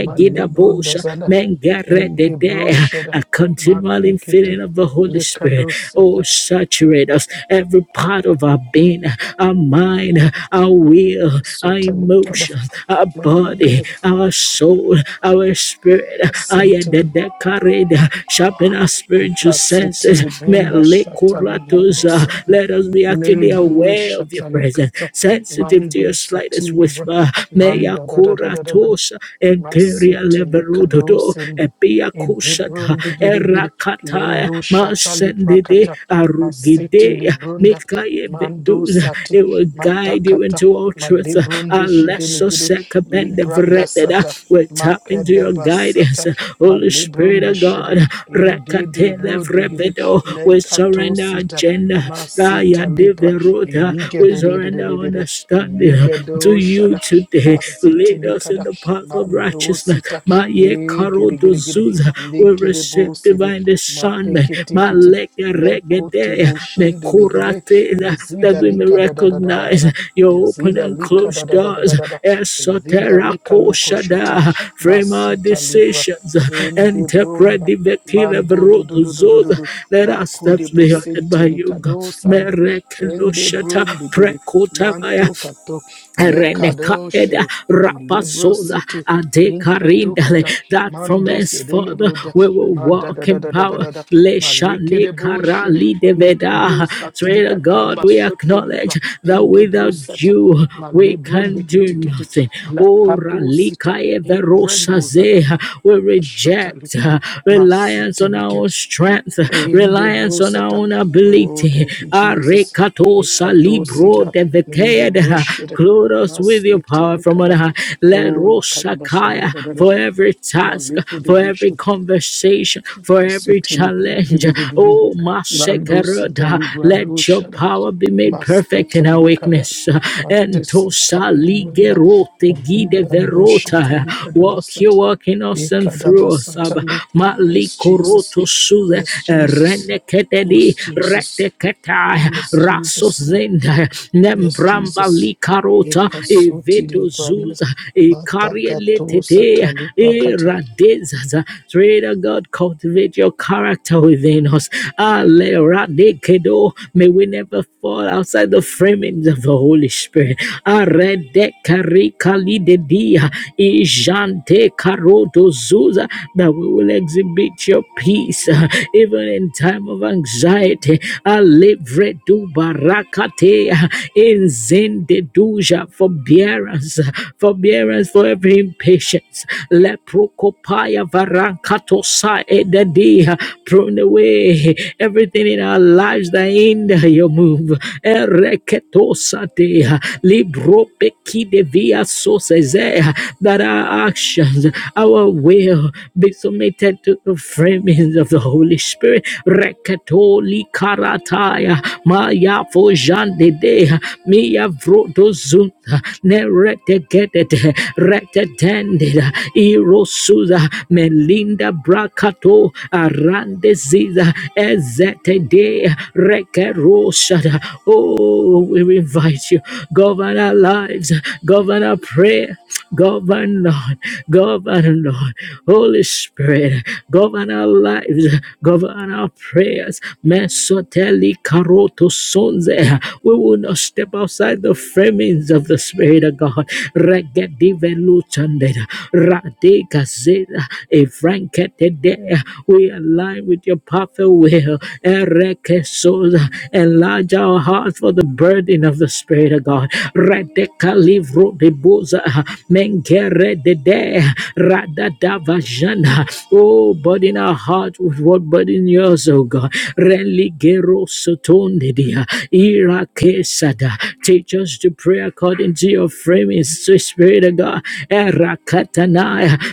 Speaker 4: Malibronda Zana,
Speaker 1: mengeredede,
Speaker 4: Indebroshada,
Speaker 1: A continual
Speaker 4: Makikiti,
Speaker 1: infilling of the Holy Spirit.
Speaker 4: Likado
Speaker 1: Oh,
Speaker 4: Sata,
Speaker 1: saturate us, every part of our being, our mind, our will, our
Speaker 4: Sotalikada.
Speaker 1: emotions, our body, our soul, our spirit. Ayededekared, Sharpen our spiritual senses.
Speaker 4: Pasitili benda shatali benda
Speaker 1: Melekoratoza,
Speaker 4: sana.
Speaker 1: Let us be acutely
Speaker 4: Nendu bu
Speaker 1: aware of your
Speaker 4: shatali
Speaker 1: presence,
Speaker 4: kata.
Speaker 1: sensitive to your
Speaker 4: Mandu
Speaker 1: slightest
Speaker 4: satili bra.
Speaker 1: whisper meya
Speaker 4: Manda da da da da da da da.
Speaker 1: kuratosa enkeria
Speaker 4: Masitili kado
Speaker 1: leverododo
Speaker 4: sende.
Speaker 1: epia kusada
Speaker 4: Edebrundi gidi gidi.
Speaker 1: erakataya
Speaker 4: Nendu shatali
Speaker 1: masendede
Speaker 4: prakata. Masitili
Speaker 1: arugidea
Speaker 4: brunda.
Speaker 1: mikaye
Speaker 4: Mandu
Speaker 1: veduza
Speaker 4: sati.
Speaker 1: it will guide you
Speaker 4: Matakata.
Speaker 1: into all truth
Speaker 4: Madebrundi shidili
Speaker 1: alesso
Speaker 4: gidi.
Speaker 1: sekabende
Speaker 4: Libranda
Speaker 1: vrededa
Speaker 4: sata.
Speaker 1: will tap into your
Speaker 4: Makedeba
Speaker 1: guidance
Speaker 4: sata.
Speaker 1: Holy Spirit
Speaker 4: Malebrunda
Speaker 1: of
Speaker 4: shidi
Speaker 1: God
Speaker 4: in de de
Speaker 1: rekatele
Speaker 4: bro digidi
Speaker 1: vrevedo we
Speaker 4: lenkato
Speaker 1: surrender our
Speaker 4: sita
Speaker 1: agenda Aya
Speaker 4: masita
Speaker 1: de
Speaker 4: libra
Speaker 1: verota. We
Speaker 4: iligede
Speaker 1: surrender our
Speaker 4: dedededede
Speaker 1: understanding to
Speaker 4: iligedo
Speaker 1: you
Speaker 4: shada
Speaker 1: today.
Speaker 4: masite
Speaker 1: Lead us in
Speaker 4: likada
Speaker 1: the path of
Speaker 4: mando
Speaker 1: righteousness.
Speaker 4: sita
Speaker 1: Maye
Speaker 4: e
Speaker 1: karo
Speaker 4: gede gede gede
Speaker 1: dozuza. We
Speaker 4: ligede bo
Speaker 1: receive
Speaker 4: sidi
Speaker 1: divine discernment.
Speaker 4: mateke tikiti
Speaker 1: Maleke
Speaker 4: lenkote
Speaker 1: regedea.
Speaker 4: bo shende ligede
Speaker 1: Mekuratela. That
Speaker 4: ezida
Speaker 1: we may
Speaker 4: lika da da da da da da
Speaker 1: recognize
Speaker 4: da
Speaker 1: your open
Speaker 4: ezida
Speaker 1: and
Speaker 4: lika da
Speaker 1: closed
Speaker 4: da da da da
Speaker 1: doors.
Speaker 4: da da ezida
Speaker 1: Esotera
Speaker 4: lika loko shiti
Speaker 1: koshada. Frame our
Speaker 4: masita libra
Speaker 1: decisions.
Speaker 4: ende
Speaker 1: Interpret
Speaker 4: bronda
Speaker 1: the vekile
Speaker 4: Mando do do do do do do
Speaker 1: verodozoza.
Speaker 4: do.
Speaker 1: Let our
Speaker 4: Marco de
Speaker 1: steps be ordered
Speaker 4: Bosente
Speaker 1: by you, God.
Speaker 4: Licado Sando. Ende
Speaker 1: Merekeloshata.
Speaker 4: Brun de Giri.
Speaker 1: Prekota
Speaker 4: Manto kato lekado
Speaker 1: Renekaeda
Speaker 4: shiri libro
Speaker 1: Rapasola
Speaker 4: city inketu
Speaker 1: Adekarindale
Speaker 4: kata
Speaker 1: that from
Speaker 4: mando sedele
Speaker 1: henceforth
Speaker 4: broda
Speaker 1: we will
Speaker 4: ma da da
Speaker 1: walk
Speaker 4: da
Speaker 1: in
Speaker 4: da da da
Speaker 1: power.
Speaker 4: da da ma leke
Speaker 1: Leshane
Speaker 4: de bo shiri
Speaker 1: Karali
Speaker 4: lekado
Speaker 1: Deveda. Spirit
Speaker 4: satifikata
Speaker 1: God,
Speaker 4: ma
Speaker 1: we
Speaker 4: shoto
Speaker 1: acknowledge
Speaker 4: libra
Speaker 1: that
Speaker 4: in de bro
Speaker 1: without
Speaker 4: seta
Speaker 1: you
Speaker 4: ma
Speaker 1: we
Speaker 4: libro de
Speaker 1: can do
Speaker 4: kitikitu
Speaker 1: nothing. Ora
Speaker 4: lakado sita
Speaker 1: likae
Speaker 4: in
Speaker 1: verosa
Speaker 4: brendo zada
Speaker 1: We
Speaker 4: shota
Speaker 1: reject
Speaker 4: lika
Speaker 1: uh, reliance on our
Speaker 4: masetinike
Speaker 1: strength, uh, reliance on our
Speaker 4: Indebrusata.
Speaker 1: own
Speaker 4: Oh,
Speaker 1: ability.
Speaker 4: thank you, Jesus.
Speaker 1: Arekato
Speaker 4: Nikato
Speaker 1: salibro
Speaker 4: sita.
Speaker 1: de vekeda.
Speaker 4: Indebrushida.
Speaker 1: Clothe us with your
Speaker 4: Nasiti
Speaker 1: power from on
Speaker 4: nikada.
Speaker 1: high. Let
Speaker 4: Oh, lakayabashada.
Speaker 1: Rosakaya for every task, for every
Speaker 4: Maliku
Speaker 1: conversation, for every
Speaker 4: Kasete looking
Speaker 1: challenge.
Speaker 4: bididididid.
Speaker 1: Oh,
Speaker 4: Lando sita
Speaker 1: Masekerada,
Speaker 4: libra
Speaker 1: let your
Speaker 4: doshada.
Speaker 1: power be made perfect
Speaker 4: Masketa
Speaker 1: in our
Speaker 4: likada.
Speaker 1: weakness.
Speaker 4: Matesa
Speaker 1: Entosa
Speaker 4: tali wenda.
Speaker 1: ligerote gide
Speaker 4: Oliba doshita
Speaker 1: verota.
Speaker 4: likada
Speaker 1: Walk your
Speaker 4: basati.
Speaker 1: walk in us and
Speaker 4: Ikada
Speaker 1: through us.
Speaker 4: basata
Speaker 1: Abba.
Speaker 4: lika. Yes, Jesus.
Speaker 1: Malikoroto suze
Speaker 4: Yes, Jesus.
Speaker 1: reneketedi
Speaker 4: Yes, Jesus.
Speaker 1: reteketai
Speaker 4: Yes,
Speaker 1: rasos
Speaker 4: Jesus.
Speaker 1: zenda
Speaker 4: Yes,
Speaker 1: nembramba
Speaker 4: Jesus.
Speaker 1: likarota
Speaker 4: Ikasoti
Speaker 1: eveto
Speaker 4: libranda.
Speaker 1: zuza ekarielete
Speaker 4: Matakato satali
Speaker 1: e
Speaker 4: Prakata.
Speaker 1: ran Radizaza. Spirit God, cultivate your character within us. Aleradekedo. May we never fall outside the framings of the Holy Spirit. Aredekarikalidedia. Ijantekarotozooza. That we will exhibit your peace uh, even in time of anxiety. Alevredubarakatea. In Zende duja, forbearance, forbearance for every impatience. Leprokopaya varankatosa edadia, prune away everything in our lives that hinder your move. Ereketosa dea, libropeki devia sosezea, that our actions, our will be submitted to the framings of the Holy. Holy Spirit. Reketoli karataya maya fojande de mia vrodo zunta ne retegedede retetendida irosuza melinda brakato arande ziza ezete de rekeroshada. Oh, we invite you, govern our lives, govern our prayer. Govern, Lord. Govern, Lord. Holy Spirit, govern our lives. Govern our prayers. Mesoteli karoto sonze. We will not step outside the framings of the Spirit of God. Regedive luchandeda. Radegazeda. Efranketede. We align with your perfect will detail. Erekesoza. Enlarge our hearts for the burden of the Spirit of God. Redeka livro de boza. Mengere de de. radadavajana. Oh, burden our heart with what burden yours, oh God. Religero sotonde dia. Irakesada. Teach us to pray according to your friend limits, to Spirit of God. Eh,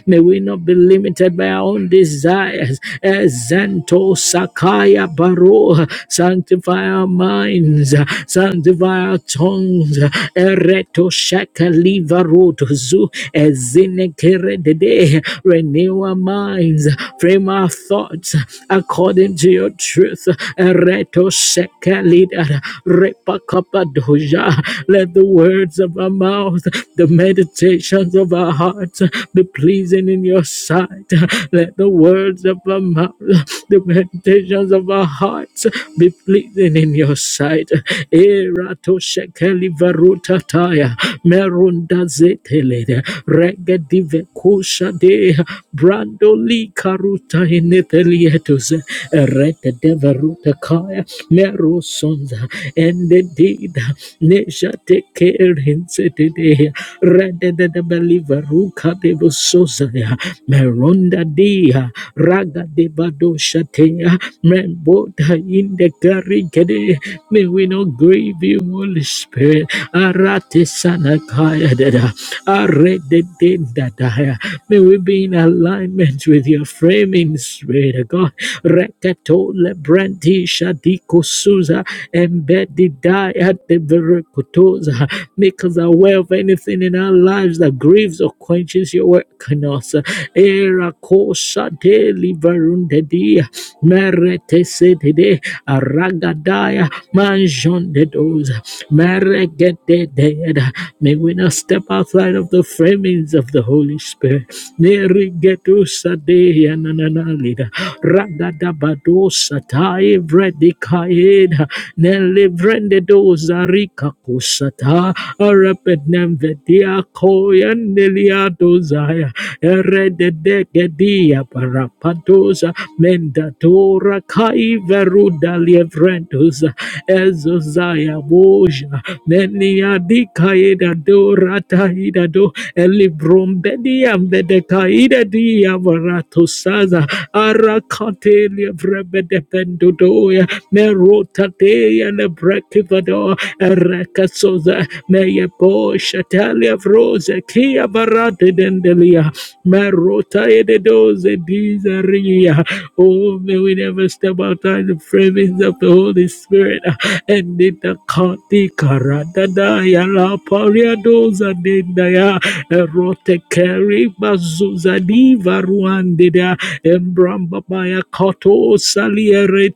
Speaker 1: May we not be limited by our own desires. Eh, Zento Sakaya Baro. Sanctify our minds, sanctify our tongues. Eh, Reto Shakaliva Rotozu. Eh, Zinekeredede. Renew our minds, frame our thoughts according to your truth. Ereto Reto Shekalida. Repakapadoja. Let the words of our mouth, the meditations of our hearts be pleasing in your sight. Let the words of our mouth, the meditations of our hearts be pleasing in your sight. Erato shekeli varuta taya merunda zetele regedive kusha de brandoli karuta inetelietus rete devaruta kaya merosons and indeed Nesha take care in today rather than the believer Ruka de Bososaya Meronda Dia Raga de Badoshatea Membota in the Karikade May we not grieve you Holy Spirit Arate Sanakaya Dada Are de Dadaya May we be in alignment with your framing spirit of God Rekatole Brandy Shadiko Suza embedded die at the very kotoza. Make us aware of anything in our lives that grieves or quenches your work in us. Era kosa deli varunde dia merete sedede aragadaya manjon de doza meregete deada. May we not step outside of the framings of the Holy Spirit. Nerigetu sadeya nananalida ragadabado satai vredikaida Nelivrende doza rika kusata. Arapednem vedia koyan nelia dozaya. Erede degedia parapadoza. Mendatora kai veruda lievrendoza. Ezozaya boja. Nenia dikaida dorata idado. Elibrombediam vedekaida dia varatosaza. Arakate lievrebedependodoya merotate and a brekivado rekasoza meyepo shatalia vroze kia varate dendelia merota ededoze bizaria oh may we never step outside the framings of the Holy Spirit and in the kati karadadaya la paria doza dendaya erote keri bazuza diva ruandida embramba baya koto saliere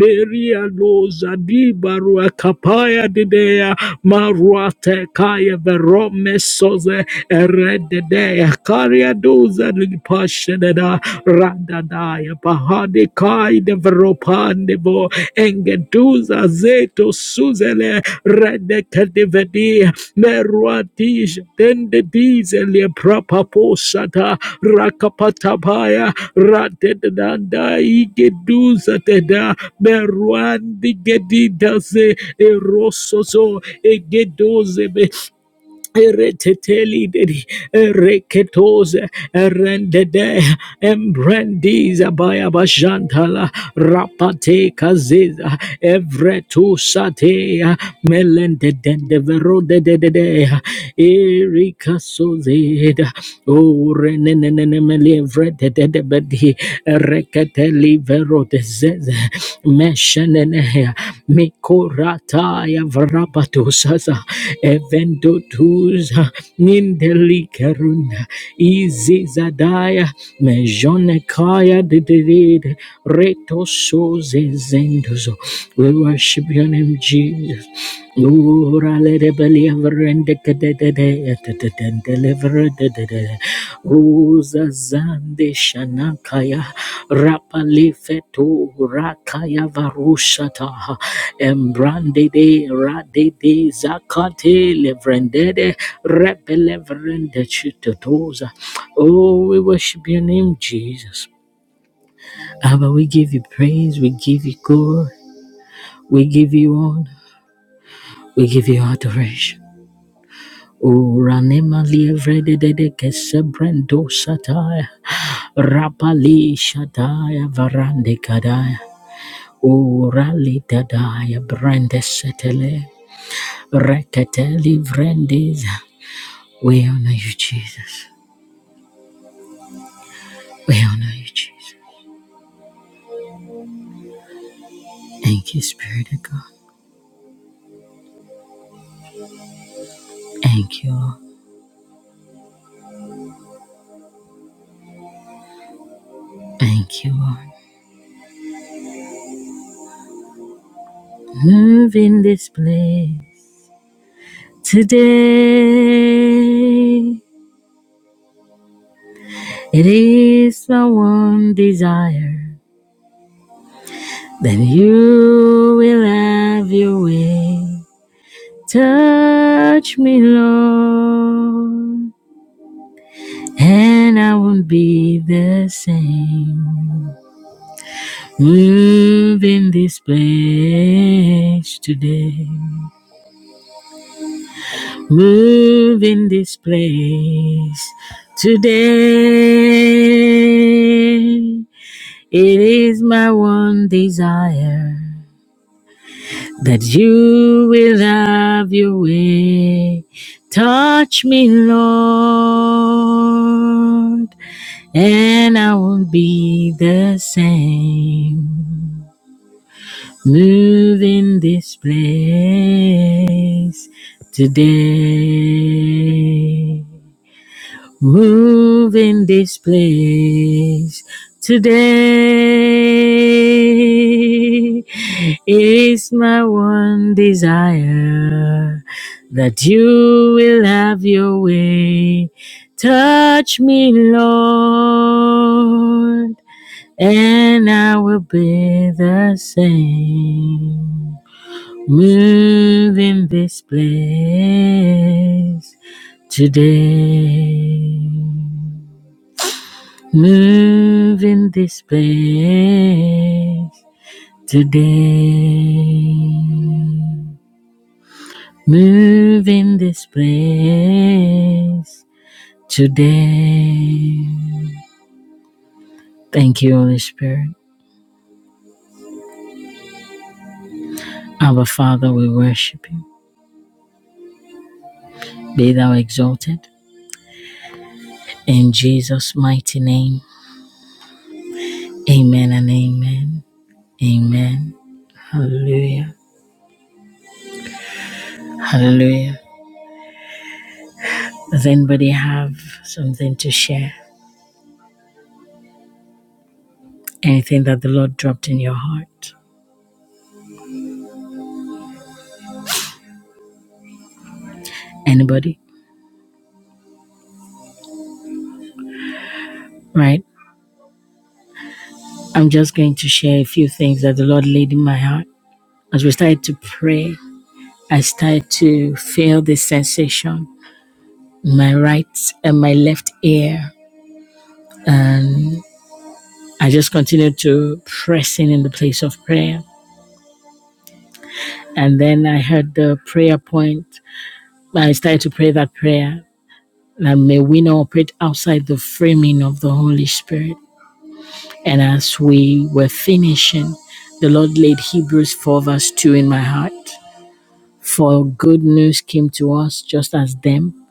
Speaker 1: Beria loza di barua kapaya didea maruate kaya verome soze erededea karia doza lipashededa radadaya bahade kai de veropandevo engeduza zeto suzele redekedivedi meruatij dende dizelia prapaposata rakapatabaya radedanda igeduza teda Meruandi gedidase erososo egedoze be Eretetelideri, ereketose, erendede, embrandiza bayabashantala, rapate kaziza, evretu satea, melendedende verodedededea, erikasozeda, orenenenemele vredededebedi, ereketeli verodezeze, meshenenea, mikorataya vrapatosaza, evento tuza nindelikaruna izizadaya mejonekaya dedede reto soze zendozo. We worship your name, Jesus. Ura le de beli and kede de de de de deliver de de de Uza zande shana kaya fetu rakaya varushata embrande de rade de zakate levrende de repe levrende chitotoza Oh, we worship your name, Jesus. Abba, we give you praise, we give you glory, we give you honor, we give you adoration. Uranema livrede de de kesebrendo sataya rapali shataya varande kadaya urali dadaya brande setele rekete livrendes. We honor you, Jesus. We honor you, Jesus. Thank you, Spirit of God. Thank you, Lord. Thank you, Lord. Move in this place today. It is the one desire Then you will have your way. Touch me, Lord, and I won't be the same. Move in this place today. Move in this place today. It is my one desire that you will have your way. Touch me, Lord, and I won't be the same. Move in this place today. Move in this place today is my one desire that you will have your way. Touch me, Lord, and I will be the same. Move in this place today. Move in this place today. Move in this place today. Thank you, Holy Spirit. Our Father, we worship you. Be thou exalted. In Jesus' mighty name, amen and amen. Amen. Hallelujah. Hallelujah. Does anybody have something to share? Anything that the Lord dropped in your heart? Anybody? Right? I'm just going to share a few things that the Lord laid in my heart. As we started to pray, I started to feel this sensation in my right and my left ear. And I just continued to press in in the place of prayer. And then I heard the prayer point. I started to pray that prayer That may we not operate outside the framing of the Holy Spirit. And as we were finishing, the Lord laid Hebrews 4, verse 2 in my heart. For good news came to us just as them,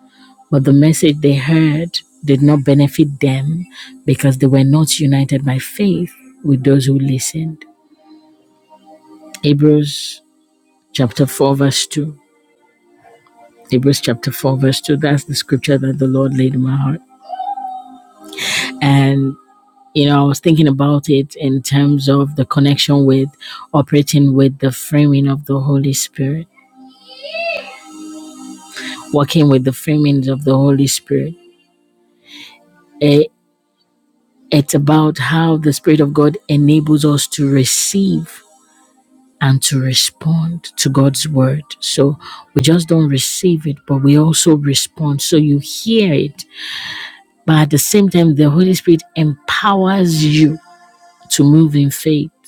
Speaker 1: but the message they heard did not benefit them because they were not united by faith with those who listened. Hebrews chapter 4, verse 2. Hebrews chapter 4, verse 2. That's the scripture that the Lord laid in my heart. And you know, I was thinking about it in terms of the connection with operating with the framing of the Holy Spirit, working with the framings of the Holy Spirit. Eh, It's about how the Spirit of God enables us to receive and to respond to God's word. So we just don't receive it, but we also respond. So you hear it, but at the same time, the Holy Spirit empowers you to move in faith.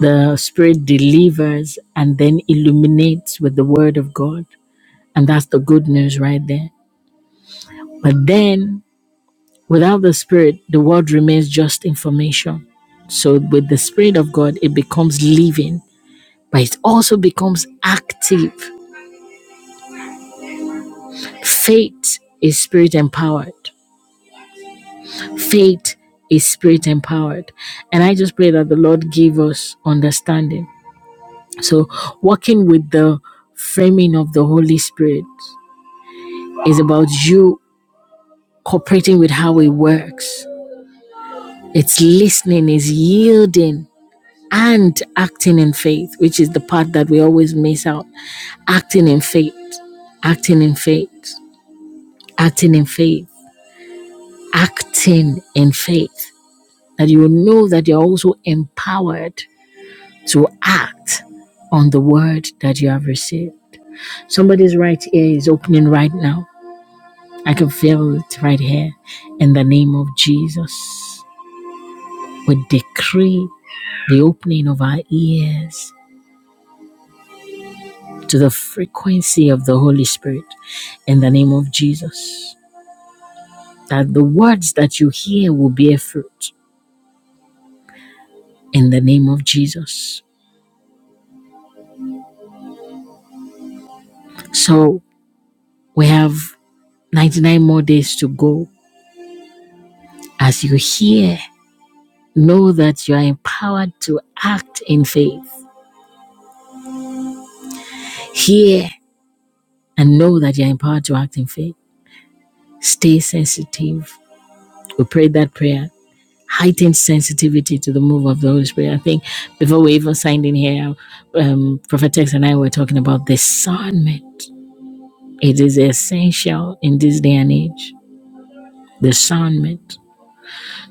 Speaker 1: The Spirit delivers and then illuminates with the Word of God. And that's the good news right there. But then, without the Spirit, the Word remains just information. So, with the Spirit of God, it becomes living, but it also becomes active. Faith is Spirit empowered. Faith is Spirit empowered. And I just pray that the Lord give us understanding. So, working with the framing of the Holy Spirit It's about you cooperating with how it works. It's listening, it's yielding, and acting in faith, which is the part that we always miss out. Acting in faith, acting in faith, acting in faith, acting in faith. That you will know that you're also empowered to act on the word that you have received. Somebody's right ear is opening right now. I can feel it right here in the name of Jesus. We decree the opening of our ears to the frequency of the Holy Spirit in the name of Jesus. That the words that you hear will bear fruit in the name of Jesus. So we have 99 more days to go. As you hear, know that you are empowered to act in faith. Hear and know that you are empowered to act in faith. Stay sensitive. We prayed that prayer heightened sensitivity to the move of the Holy Spirit. I think before we even signed in here, um, Prophet Tex and I were talking about discernment. It is essential in this day and age. Discernment.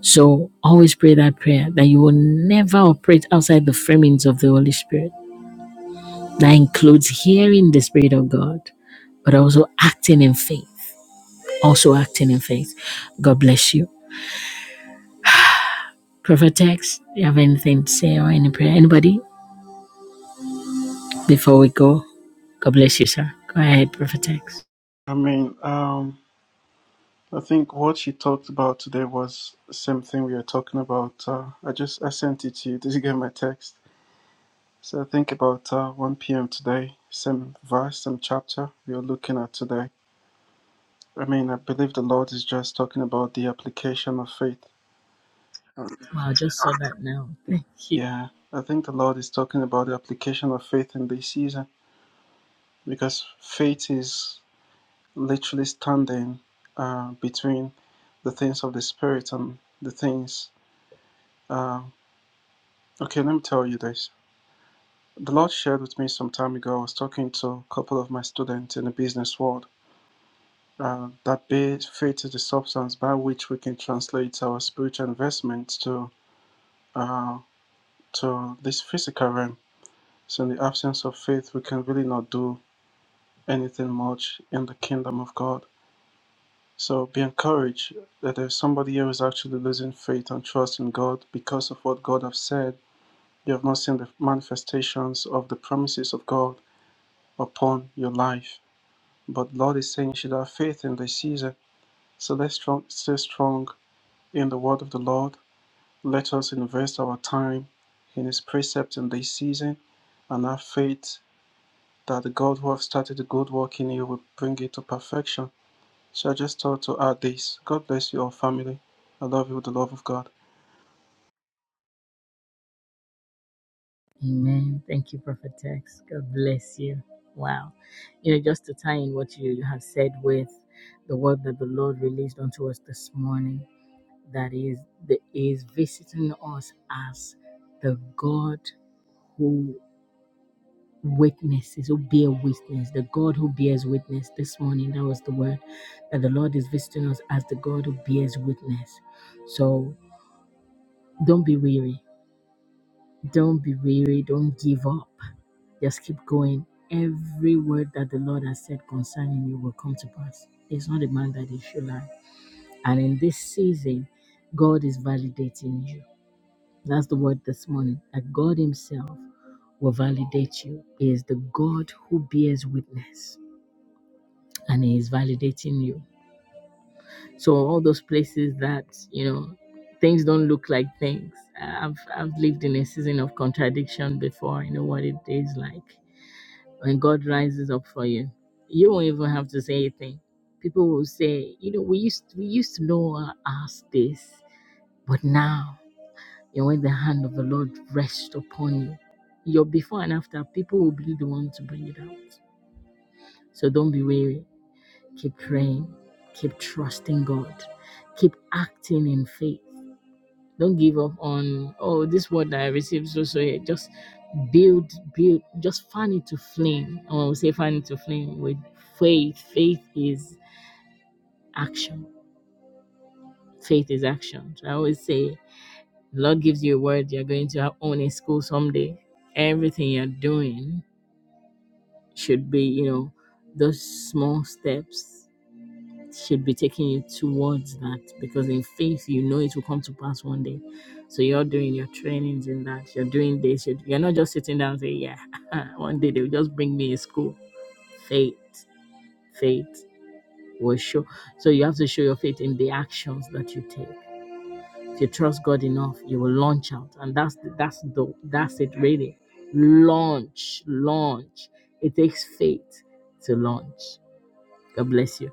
Speaker 1: So always pray that prayer that you will never operate outside the framings of the Holy Spirit. That includes hearing the Spirit of God, but also acting in faith. Also acting in faith. God bless you. Prophet Tex, you have anything to say or any prayer? Anybody before we go? God bless you, sir. Go ahead, Prophet Tex.
Speaker 2: I mean, um. I think what she talked about today was the same thing we were talking about. Uh, I just I sent it to you. Did you get my text? So I think about uh, 1 p.m. today, same verse, same chapter we are looking at today. I mean, I believe the Lord is just talking about the application of faith.
Speaker 1: Wow, just saw that now. Thank you.
Speaker 2: Yeah, I think the Lord is talking about the application of faith in this season because faith is literally standing uh, between the things of the Spirit and the things. Uh, okay, let me tell you this. The Lord shared with me some time ago. I was talking to a couple of my students in the business world uh, that faith is the substance by which we can translate our spiritual investments to uh, to this physical realm. So, in the absence of faith, we can really not do anything much in the kingdom of God. So, be encouraged that there's somebody here who's actually losing faith and trust in God because of what God has said. You have not seen the manifestations of the promises of God upon your life. But Lord is saying you should have faith in the season. So let's strong, stay strong in the word of the Lord. Let us invest our time in His precepts in this season and have faith that the God who have started the good work in you will bring it to perfection. So I just thought to add this. God bless you all, family. I love you with the love of God.
Speaker 1: Amen. Thank you, Prophet Tex. God bless you. Wow. You know, just to tie in what you have said with the word that the Lord released unto us this morning, that is, that is visiting us as the God who witnesses, who bear witness, the God who bears witness. This morning, that was the word that the Lord is visiting us as the God who bears witness. So don't be weary Don't be weary. Don't give up. Just keep going. Every word that the Lord has said concerning you will come to pass. It's not a man that he should lie. And in this season, God is validating you. That's the word this morning. That God Himself will validate you. He is the God who bears witness and He is validating you. So, all those places that, you know, things don't look like things. I've, I've lived in a season of contradiction before. I know what it is like when God rises up for you, you won't even have to say a thing. People will say, you know, we used to, we used to know our ass this, but now you know, when the hand of the Lord rests upon you, your before and after, people will be the one to bring it out. So don't be weary. Keep praying. Keep trusting God. Keep acting in faith. Don't give up on oh this word that I received so so yeah. Just build, build, just fan it to flame. And when we say fan it to flame with faith, faith is action. Faith is action. So I always say the Lord gives you a word, you're going to own a school someday. Everything you're doing should be, you know, those small steps should be taking you towards that because in faith you know it will come to pass one day so you're doing your trainings in that you're doing this you're, you're not just sitting down and saying yeah one day they'll just bring me a school faith faith will show so you have to show your faith in the actions that you take if you trust god enough you will launch out and that's the, that's the that's it really launch launch it takes faith to launch god bless you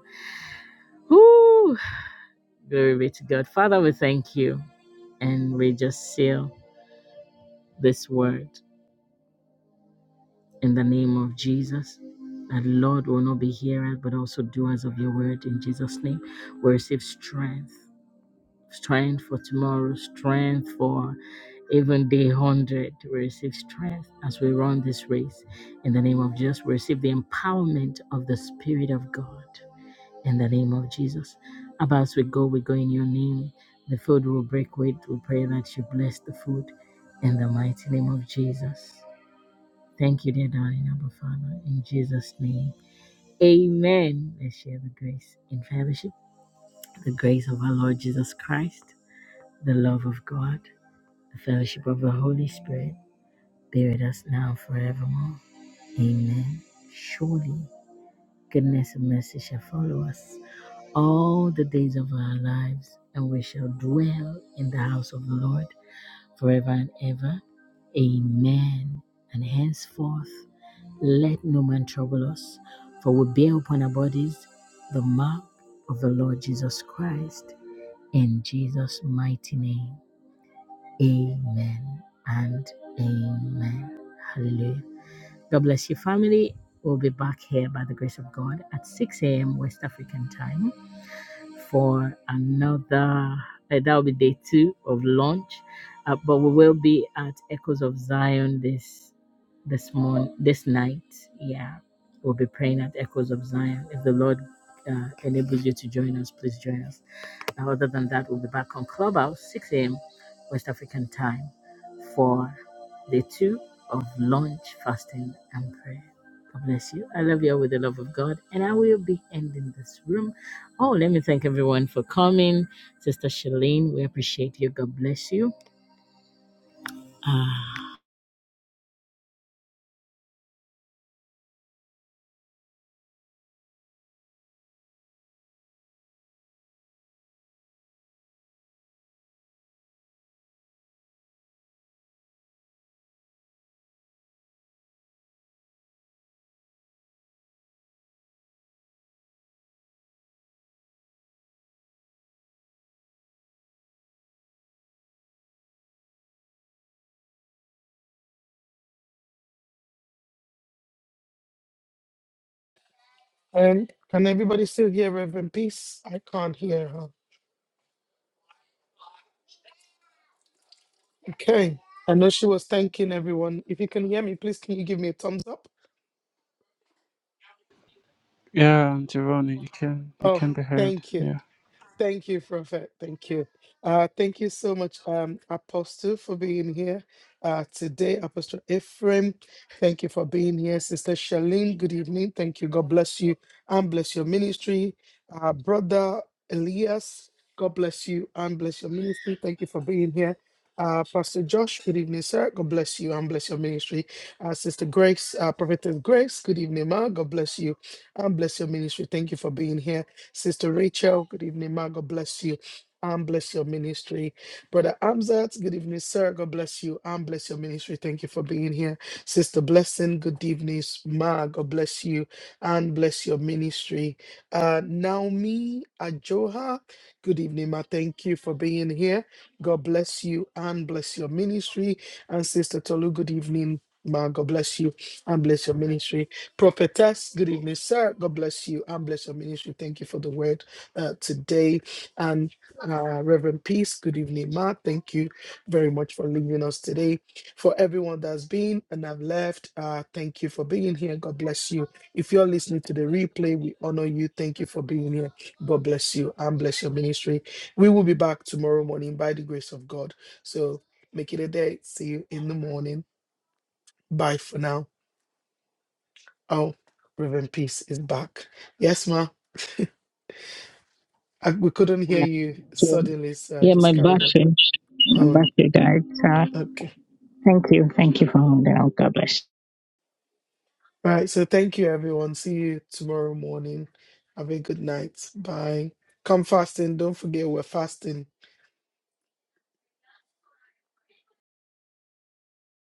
Speaker 1: Woo! Glory be to God. Father, we thank you and we just seal this word in the name of Jesus. That Lord will not be hearers but also doers of your word in Jesus' name. We receive strength, strength for tomorrow, strength for even day 100. We receive strength as we run this race in the name of Jesus. We receive the empowerment of the Spirit of God in the name of Jesus. Abba, as we go, we go in your name. The food will break weight. We pray that you bless the food in the mighty name of Jesus. Thank you, dear darling Abba Father, in Jesus' name. Amen. Let's share the grace in fellowship. The grace of our Lord Jesus Christ, the love of God, the fellowship of the Holy Spirit be with us now and forevermore. Amen. Surely, goodness and mercy shall follow us all the days of our lives, and we shall dwell in the house of the Lord forever and ever. Amen. And henceforth, let no man trouble us, for we bear upon our bodies the mark of the Lord Jesus Christ. In Jesus' mighty name, amen and amen. Hallelujah. God bless you, family. We'll be back here by the grace of God at 6 a.m. West African time for another, eh, that will be day two of launch. Uh, but we will be at Echoes of Zion this this morning, this night. Yeah, we'll be praying at Echoes of Zion. If the Lord uh, enables you to join us, please join us. Now, other than that, we'll be back on Clubhouse 6 a.m. West African time for day two of launch, fasting, and prayer. God bless you. I love you all with the love of God, and I will be ending this room Oh, let me thank everyone for coming. Sister Shalene, we appreciate you. God bless you. Ah,
Speaker 4: And can everybody still hear Reverend Peace? I can't hear her. Okay. I know she was thanking everyone. If you can hear me, please can you give me a thumbs up?
Speaker 2: Yeah, Jeroni, you can you
Speaker 4: Oh,
Speaker 2: can be heard.
Speaker 4: thank
Speaker 2: Yeah.
Speaker 4: you. Thank you, Prophet. Thank you. Uh, thank you so much, um, Apostle, for being here uh, today. Apostle Ephraim, thank you for being here. Sister Shalene, good evening. Thank you. God bless you and bless your ministry. Uh, Brother Elias, God bless you and bless your ministry. Thank you for being here. Uh, Pastor Josh, good evening, sir. God bless you and bless your ministry. Uh, Sister Grace, uh, Prophetess Grace, good evening, ma. God bless you and bless your ministry. Thank you for being here. Sister Rachel, good evening, ma. God bless you. And bless your ministry. Brother Amzat, good evening, sir. God bless you. And bless your ministry. Thank you for being here. Sister Blessing, good evening, s- ma. God bless you. And bless your ministry. Uh, Naomi Ajoha, good evening, ma. Thank you for being here. God bless you. And bless your ministry. And Sister Tolu, good evening, ma. God bless you. And bless your ministry. Prophetess, good evening, sir. God bless you and bless your ministry. Thank you for the word uh, today. And uh, Reverend Peace, good evening, Ma. Thank you very much for leaving us today. For everyone that's been and have left, uh, thank you for being here. God bless you. If you're listening to the replay, we honor you. Thank you for being here. God bless you and bless your ministry. We will be back tomorrow morning by the grace of God. So make it a day. See you in the morning. Bye for now. Oh, Reverend Peace is back. Yes, ma. I, we couldn't hear you suddenly, so I
Speaker 1: Yeah,
Speaker 4: just
Speaker 1: my
Speaker 4: carried on.
Speaker 1: battery, my
Speaker 4: Um,
Speaker 1: battery died. So
Speaker 4: okay.
Speaker 1: thank you. God bless.
Speaker 4: All right. So thank you, everyone. See you tomorrow morning. Have a good night. Bye. Come fasting. Don't forget we're fasting.